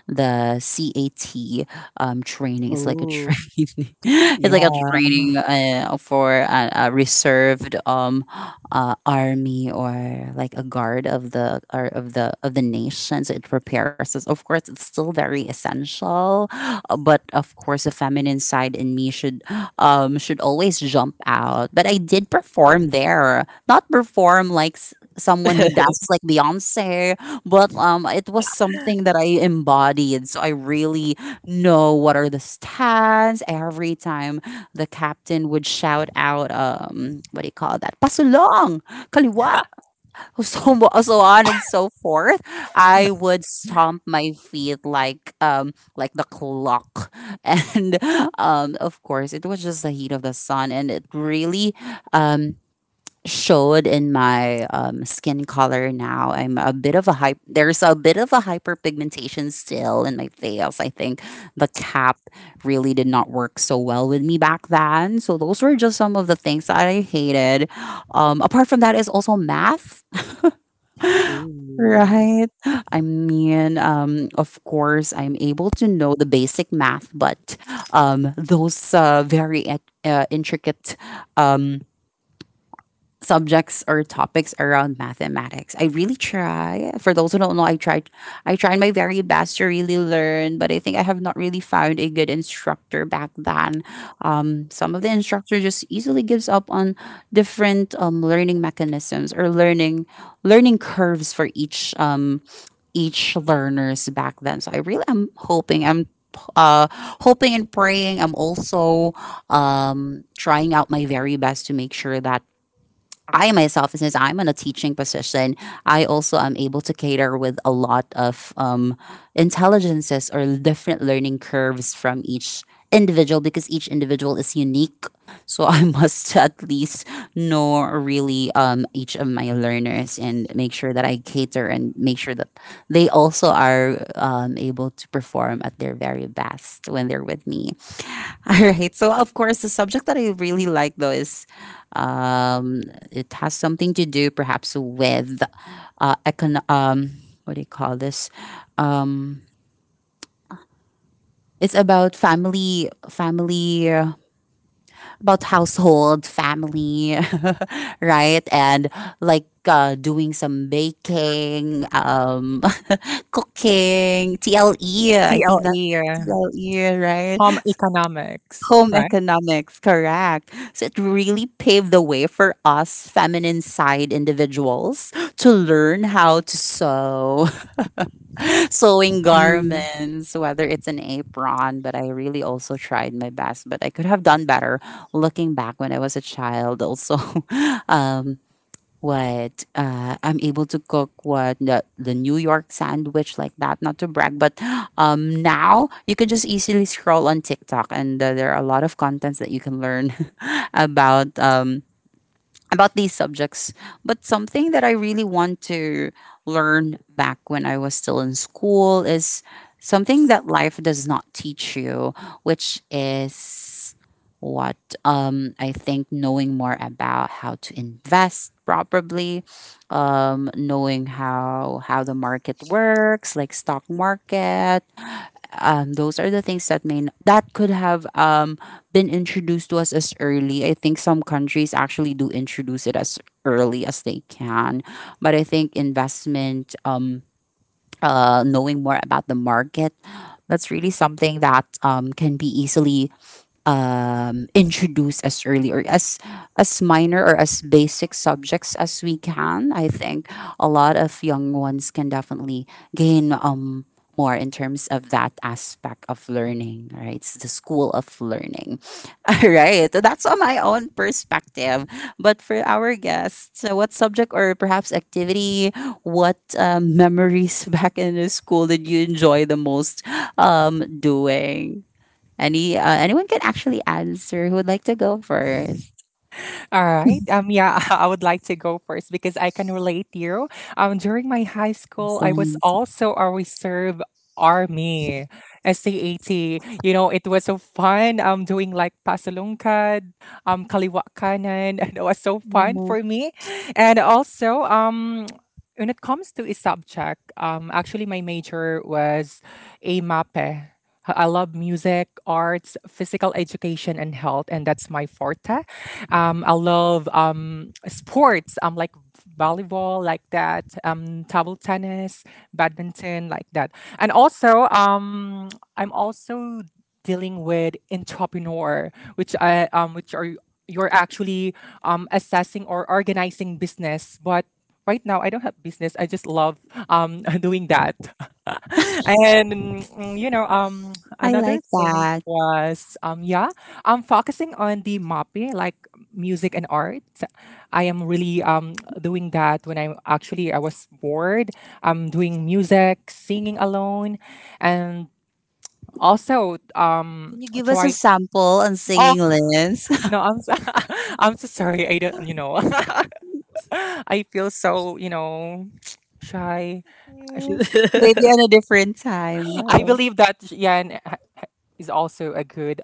the CAT training. It's like a
Oh,
training. It's like a
yeah.
training for a reserved, army or like a guard of the nation. So it prepares us. Of course, it's still very essential, but of course, the feminine side in me should, should always jump out. But I did perform there, not perform like someone who dances like Beyonce, but it was something that I embodied, so I really know what are the stats. Every time the captain would shout out, what do you call that, pasulong, kaliwa. So, so on and so forth, I would stomp my feet like the clock. And of course, it was just the heat of the sun, and it really um showed in my skin color now. I'm a bit of a hype. There's a bit of a hyperpigmentation still in my face. I think the cap really did not work so well with me back then. So those were just some of the things that I hated. Apart from that is also math.
Ooh.
Right. I mean, of course, I'm able to know the basic math, but those very intricate, um, subjects or topics around mathematics, I really try. For those who don't know, I tried my very best to really learn, but I think I have not really found a good instructor back then. Some of the instructor just easily gives up on different learning mechanisms or learning curves for each, each learners back then. So I really am hoping, I'm uh hoping and praying, I'm also trying out my very best to make sure that I myself, since I'm in a teaching position, I also am able to cater with a lot of intelligences or different learning curves from each individual, because each individual is unique. So I must at least know really, each of my learners, and make sure that I cater and make sure that they also are, able to perform at their very best when they're with me. All right. So, of course, the subject that I really like though is it has something to do perhaps with uh, econ- um, what do you call this? Um, it's about family, about household, family, right? And like doing some baking, cooking, TLE. I think that's
TLE.
TLE,
Home
right?
economics,
Home
right?
economics, correct. So it really paved the way for us feminine side individuals to learn how to sew, sewing
Mm.
garments, whether it's an apron. But I really also tried my best. But I could have done better looking back when I was a child, also. Um, what I'm able to cook, what the New York sandwich, like that, not to brag, but now you can just easily scroll on TikTok, and there are a lot of contents that you can learn about. About these subjects. But something that I really want to learn back when I was still in school is something that life does not teach you, which is what, I think knowing more about how to invest properly, knowing how the market works, like stock market, those are the things that that could have been introduced to us as early. I think some countries actually do introduce it as early as they can, but I think investment, knowing more about the market, that's really something that can be easily, introduce as early, or as minor or as basic subjects as we can. I think a lot of young ones can definitely gain, more in terms of that aspect of learning. Right, it's the school of learning. All right, that's on my own perspective. But for our guests, so what subject or perhaps activity, what memories back in the school did you enjoy the most doing? Any anyone can actually answer who would like to go first.
All right. Yeah, I would like to go first because I can relate to you. During my high school, I was
Lines.
also a reserve army, SCAT. You know, it was so fun. Doing like pasalungkad, kaliwa kanan, and it was so fun for me. And also. When it comes to a subject, actually my major was a MAPE. I love music, arts, physical education, and health, and that's my forte. I love sports, like volleyball, like that, table tennis, badminton, like that. And also, I'm also dealing with entrepreneur, which are you're actually assessing or organizing business, but right now I don't have business. I just love doing that. And mm, you know,
I
another
like
thing
that.
was yeah, I'm focusing on the mapping, like music and art. I am really doing that when I, actually, I was bored. I'm doing music, singing alone, and also
Can you give us a
try.
sample on
Oh
singing, Liz?
no, I'm so, I'm so sorry. I don't. You know, I feel so, you know, shy. I sh-
Mm. Maybe on a different time.
I believe that Yan is also a good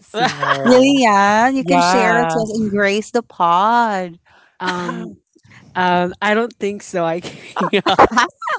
singer.
Really, Yan? You can share it
Yeah.
to us and grace the pod.
um I don't think so. I yeah.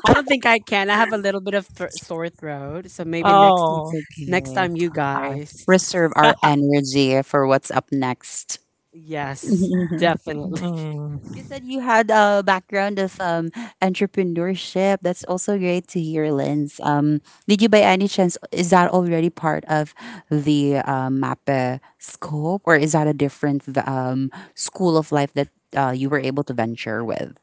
I don't think I can. I have a little bit of thr sore throat, so maybe
It's
Oh.
next
okay.
time, you
Our,
guys.
reserve our energy for what's up next.
Yes, definitely.
Mm-hmm.
You said you had a background of entrepreneurship. That's also great to hear, Linz. Did you, by any chance, is that already part of the MAPE scope, or is that a different school of life that you were able to venture with?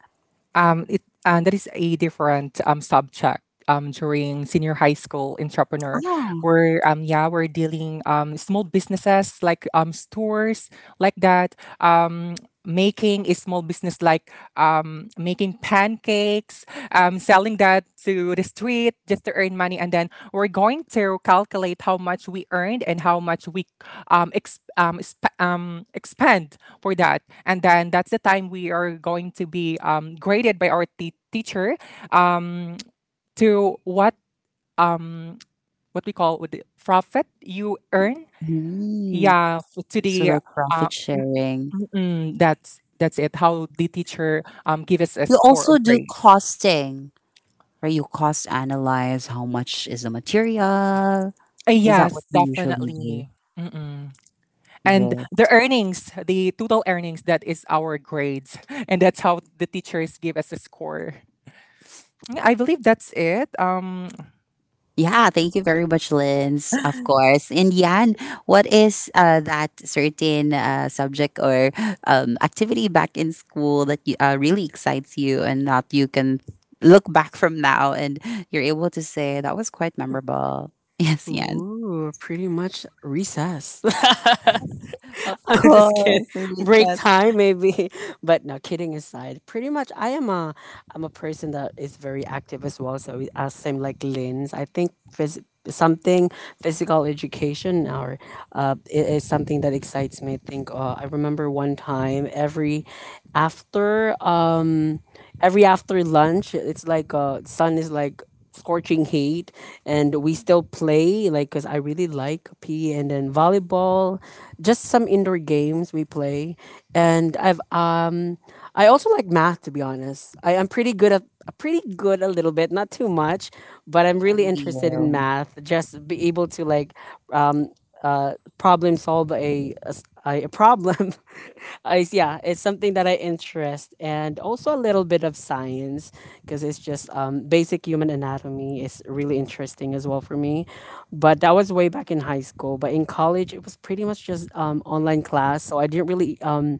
It, that is a different subject during senior high school entrepreneur,
Oh,
where yeah, we're dealing small businesses like stores like that, um, making a small business like making pancakes, selling that to the street just to earn money, and then we're going to calculate how much we earned and how much we expend for that. And then that's the time we are going to be graded by our teacher, um, to um, what we call with the profit you earn.
mm,
Yeah, to
so
the,
that's profit
mm,
sharing.
mm, mm, that's it. How the teacher give us a
You
score or
also do
grades.
costing, where you cost analyze how much is the material. Is that what
Yes,
you usually do?
definitely. Mm-mm. And
Great.
the earnings, the total earnings, that is our grades, and that's how the teachers give us a score. Yeah, I believe that's it.
Yeah, thank you very much, Linz. Of course. And Yan, what is that certain subject or activity back in school that you, really excites you, and that you can look back from now and you're able to say that was quite memorable? Yes, Yan.
Ooh, pretty much recess.
Of
I'm just kidding.
course,
Break
recess.
time maybe, but no. Kidding aside, pretty much I am a I'm a person that is very active as well. So it- as same like Lynn's, I think phys- something physical education or is something that excites me. I think I remember one time every after. Every after lunch, it's like sun is like scorching heat and we still play like because I really like P E, and then volleyball, just some indoor games we play. And I also like math, to be honest. I am pretty good, a little bit, not too much, but
I
I'm really
envy
interested in
you.
math, just be able to like um problem solve a problem. Is, yeah, it's something that I interest, and also a little bit of science because it's just basic human anatomy is really interesting as well for me. But that was way back in high school. But in college, it was pretty much just online class, so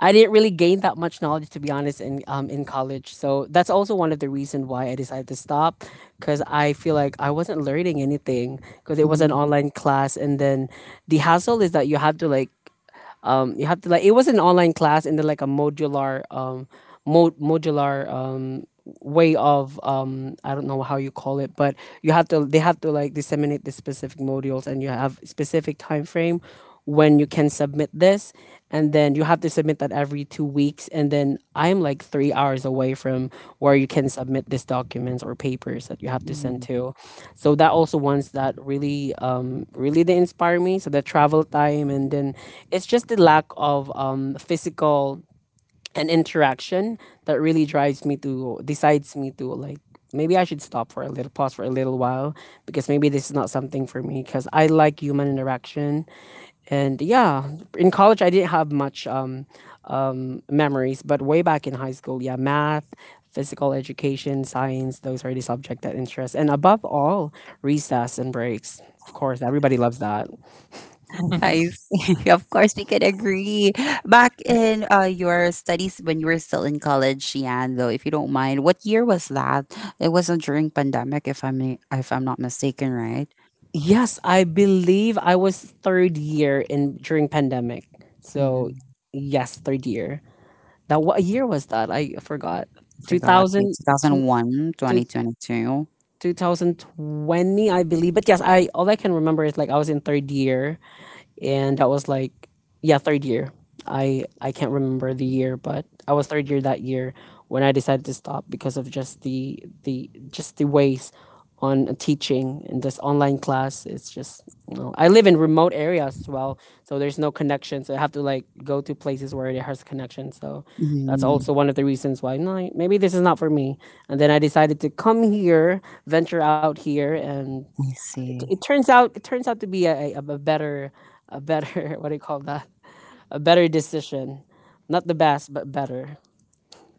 I didn't really gain that much knowledge, to be honest, in college. So that's also one of the reason why I decided to stop, because I feel like I wasn't learning anything because it was an
Mm,
online class. And then the hassle is that you have to like it was an online class, and then like a modular modular way of I don't know how you call it, but you have to they have to like disseminate the specific modules, and you have specific time frame when you can submit this, and then you have to submit that every 2 weeks. And then I'm like 3 hours away from where you can submit these documents or papers that you have to send
mm.
to. So that also ones that really they inspire me. So the travel time, and then it's just the lack of physical an interaction that really drives me to decides me to like maybe I should stop for a little pause for a little while, because maybe this is not something for me because I like human interaction. And yeah, in college I didn't have much memories, but way back in high school, yeah, math, physical education, science, those are the subject that interest. And above all, recess and breaks. Of course, everybody loves that.
I see. Of course, we can agree. Back in your studies when you were still in college, Yan, though, if you don't mind, what year was that? It wasn't during pandemic, if I'm not mistaken, right?
Yes, I believe I was third year in during pandemic. So
Mm,
yes, third year. That what year was that? I forgot.
I forgot. Two
2000
thousand
tw-
one,
two-
2022.
2020, I believe. But yes, I all I can remember is like I was in third year. And that was like, yeah, third year. I can't remember the year, but I was third year that year when I decided to stop because of just the just the ways on teaching. And this online class, it's just, you know, I live in remote areas as well, so there's no connection, so I have to like go to places where it has connection. So that's
Mm,
also one of the reasons why, no, maybe this is not for me. And then I decided to come here, venture out here. And
I see.
it turns out to be a better what do you call that, a better decision. Not the best, but better.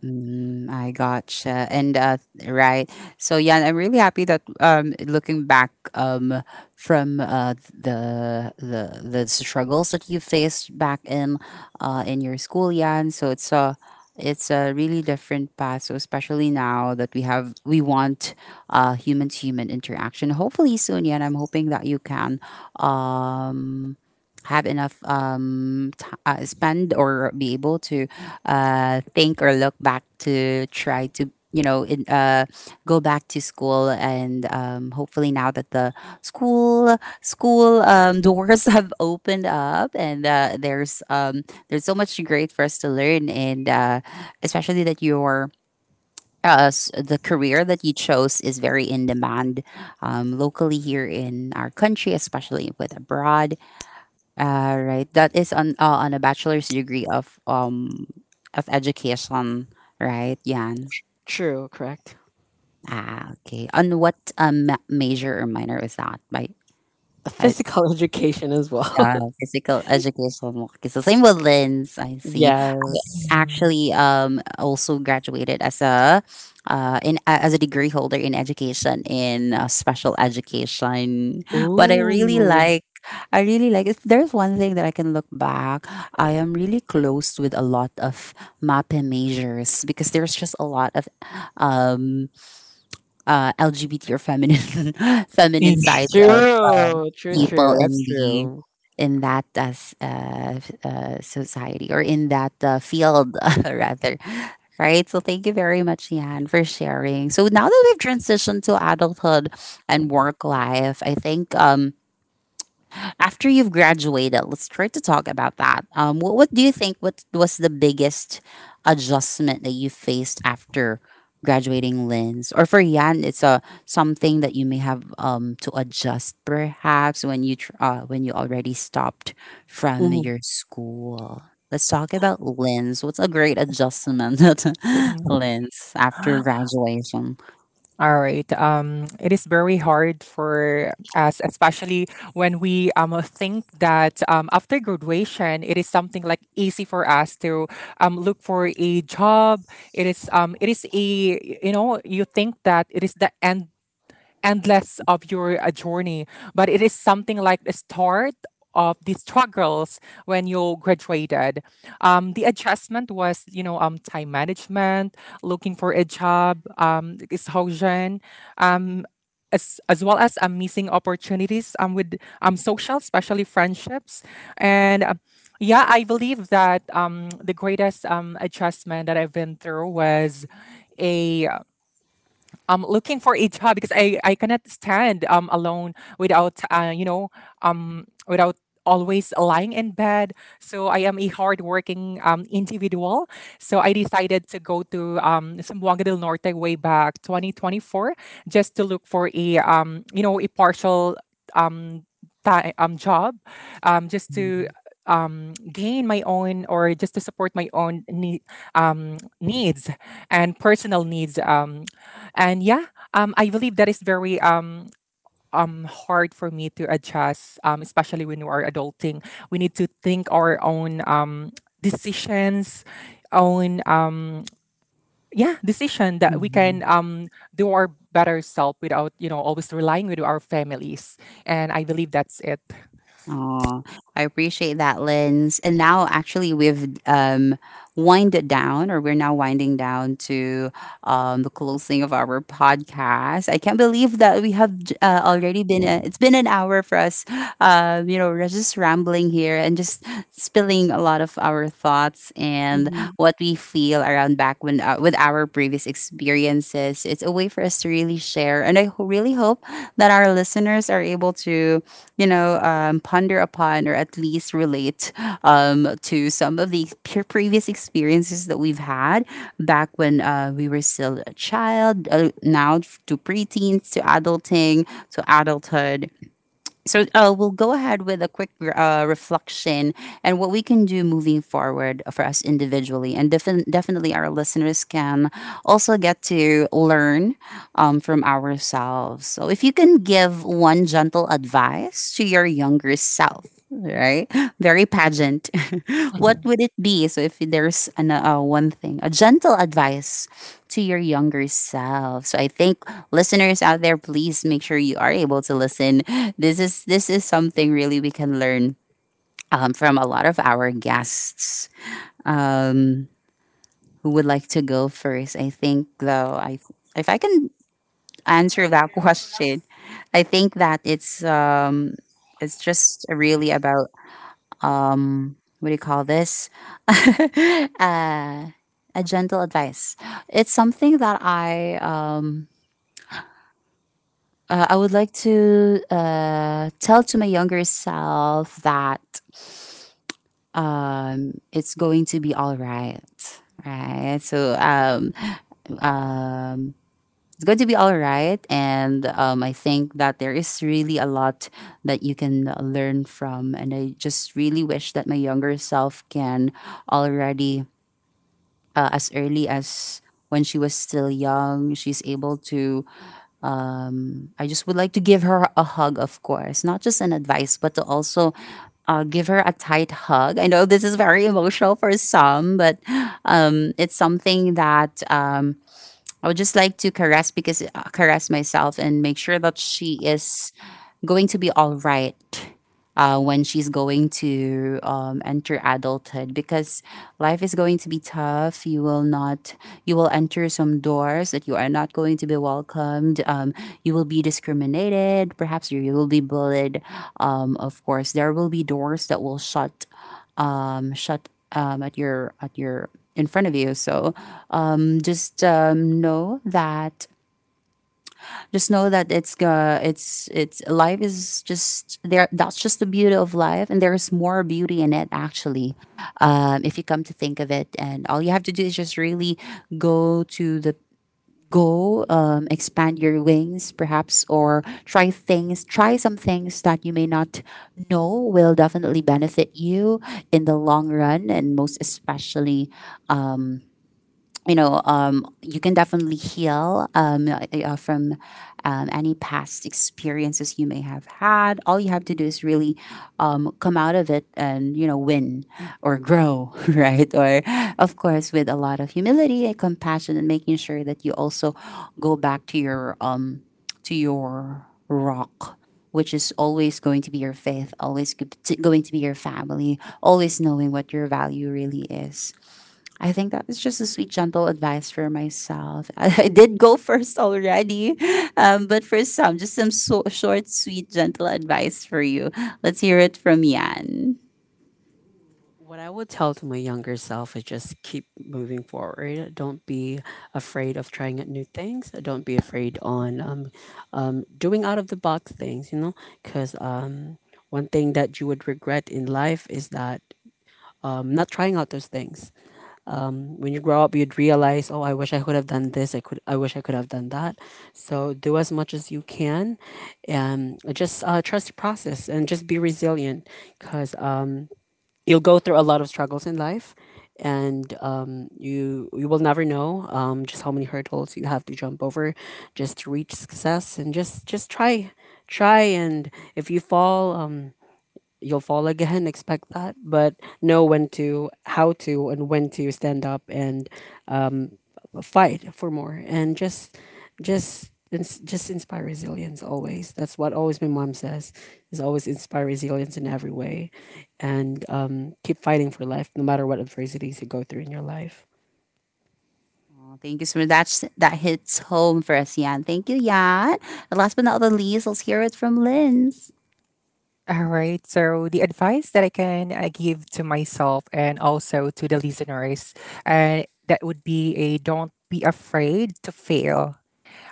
Mm, I gotcha. And right. So yeah, I'm really happy that looking back, from the struggles that you faced back in your school, Yan. So it's a really different path. So especially now that we want human to human interaction. Hopefully soon, Yan. I'm hoping that you can. Um, have enough spend or be able to think or look back to try to, you know, go back to school and hopefully now that the school doors have opened up, and there's so much great for us to learn, and especially that your the career that you chose is very in demand, locally here in our country, especially with abroad, right. That is on a bachelor's degree of education, right, Yan?
True, correct.
Ah, okay. On what major or minor was that? By
A
I,
physical education as
yeah,
well.
physical education. It's the same with Lynn's. I see. I
Yes.
mhm.
actually also graduated as a as a degree holder in education in special education. But
Ooh.
I really like, if there's one thing that I can look back, I am really close with a lot of MAPE majors, because there's just a lot of um LGBT or feminine feminine
Eh,
sides
true true
people
true that's
in the
true.
in that as society, or in that field rather, right? So thank you very much, Yan, for sharing. So now that we've transitioned to adulthood and work life, I think, after you've graduated, let's try to talk about that. What do you think? What was the biggest adjustment that you faced after graduating, Linz? Or for Yan, it's a something that you may have, to adjust, perhaps when when you already stopped from
Mhm.
your school. Let's talk about Linz. What's a great adjustment,
mhm.
Linz, after graduation?
All right. It is very hard for us, especially when we think that, after graduation, it is something like easy for us to look for a job. It is, it is a, you know, you think that it is the end, endless of your journey, but it is something like the start of the struggles when you graduated. The adjustment was, you know, time management, looking for a job, exhaustion, um, as well as missing opportunities with social, especially friendships. And yeah, I believe that the greatest adjustment that I've been through was a, looking for a job, because I cannot stand alone without, you know, without always lying in bed. So I am a hardworking individual. So I decided to go to Zamboanga del Norte way back 2024 just to look for a, you know, a partial um time, job just to gain my own, or just to support my own need, needs, and personal needs. And yeah, I believe that is very hard for me to adjust, especially when you are adulting. We need to think our own decisions, own yeah, decision that we
Mm-hmm.
can do our better self without, you know, always relying with our families. And I believe that's it.
Oh, I appreciate that, Lens. And now, actually, we've winded down, or we're now winding down to the closing of our podcast. I can't believe that already it's been an hour for us. You know, we're just rambling here and just spilling a lot of our thoughts and
Mhm.
what we feel around back when with our previous experiences. It's a way for us to really share, and really hope that our listeners are able to, ponder upon or at least relate to some of the previous experiences that we've had back when we were still a child, now to preteens, to adulting, to adulthood. So we'll go ahead with a quick reflection and what we can do moving forward for us individually. And definitely, our listeners can also get to learn from ourselves. So, if you can give one gentle advice to your younger self, right? Very pageant. What
Mhm.
would it be? So, if there's one thing, a gentle advice to your younger self. So, I think listeners out there, please make sure you are able to listen. This is something really we can learn from a lot of our guests. Um, who would like to go first? I think though, I if I can answer that question, I think that it's just really about what do you call this? uh, a gentle advice, it's something that I I would like to tell to my younger self that it's going to be all right, so um it's going to be all right. And I think that there is really a lot that you can learn from, and I just really wish that my younger self can already as early as when she was still young, she's able to. I just would like to give her a hug, of course, not just an advice, but to also give her a tight hug. I know this is very emotional for some, but it's something that. I would just like to caress because caress myself and make sure that she is going to be all right when she's going to enter adulthood, because life is going to be tough. You will not, you will enter some doors that you are not going to be welcomed. You will be discriminated, perhaps you will be bullied. Of course there will be doors that will shut, at your in front of you. So just know that just know that it's life is just there. That's just the beauty of life, and there is more beauty in it, actually. If you come to think of it, and all you have to do is just really go to the go, expand your wings perhaps, or try some things that you may not know will definitely benefit you in the long run. And most especially, you can definitely heal, from any past experiences you may have had. All you have to do is really come out of it and, you know, win or grow, right? Or, of course, with a lot of humility and compassion, and making sure that you also go back to your rock, which is always going to be your faith, always going to be your family, always knowing what your value really is. I think that was just a sweet, gentle advice for myself. I did go first already, but for some, just some short, sweet, gentle advice for you. Let's hear it from Yan.
What I would tell to my younger self is just keep moving forward. Don't be afraid of trying out new things. Don't be afraid on doing out of the box things. You know, because one thing that you would regret in life is that not trying out those things. When you grow up, you'd realize, oh, I wish I could have done this. I could. I wish I could have done that. So do as much as you can, and just trust the process and just be resilient. Because you'll go through a lot of struggles in life, and you will never know just how many hurdles you have to jump over just to reach success. And just try try. And if you fall, you'll fall again. Expect that, but know when to how to and when to stand up and um, fight for more. And just inspire resilience always. That's what always my mom says, is always inspire resilience in every way. And keep fighting for life no matter what adversities you go through in your life.
Oh, thank you so much. That's, that hits home for us, Yan. Thank you, Yan. And last but not the least, let's hear it from Linz.
All right. So the advice that I can give to myself, and also to the listeners, uh, that would be, a don't be afraid to fail.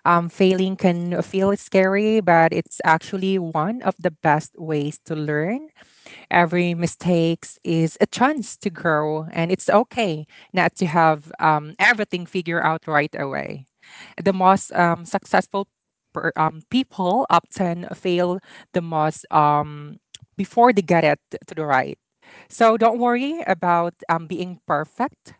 Failing can feel scary, but it's actually one of the best ways to learn. Every mistake is a chance to grow, and it's okay not to have everything figured out right away. The most successful people often fail the most before they get it to the right. So don't worry about being perfect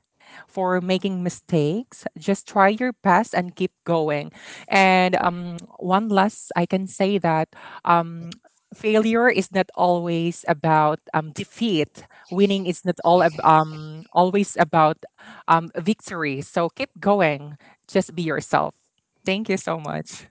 for making mistakes. Just try your best and keep going. And one last, I can say that um, failure is not always about defeat. Winning is not always about victory. So keep going. Just be yourself. Thank you so much.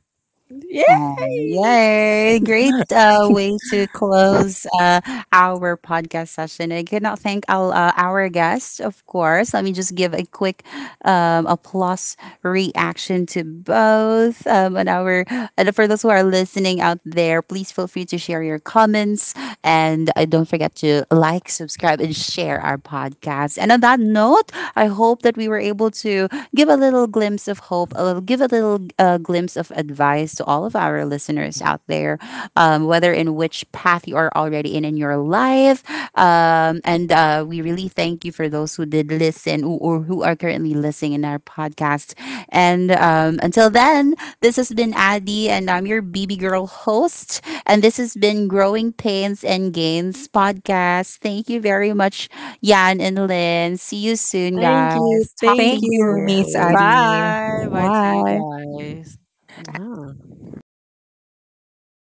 Oh,
Yay.
yay! Great way to close our podcast session. I cannot thank our guest, of course. Let me just give a quick applause reaction to both. And our and for those who are listening out there, please feel free to share your comments, and don't forget to like, subscribe, and share our podcast. And on that note, I hope that we were able to give a little glimpse of hope, a little, give a little glimpse of advice to all of our listeners out there, whether in which path you are already in your life. And we really thank you for those who did listen or who are currently listening in our podcast. And until then, this has been Addie, and I'm your BB Girl host. And this has been Growing Pains and Gains podcast. Thank you very much, Yan and Lynn. See you soon,
Thank
guys.
you,
Talk
thank
to
Thank
you
you.
you, Miss
soon.
Adi.
Bye bye to you
Bye.
guys. Mwah.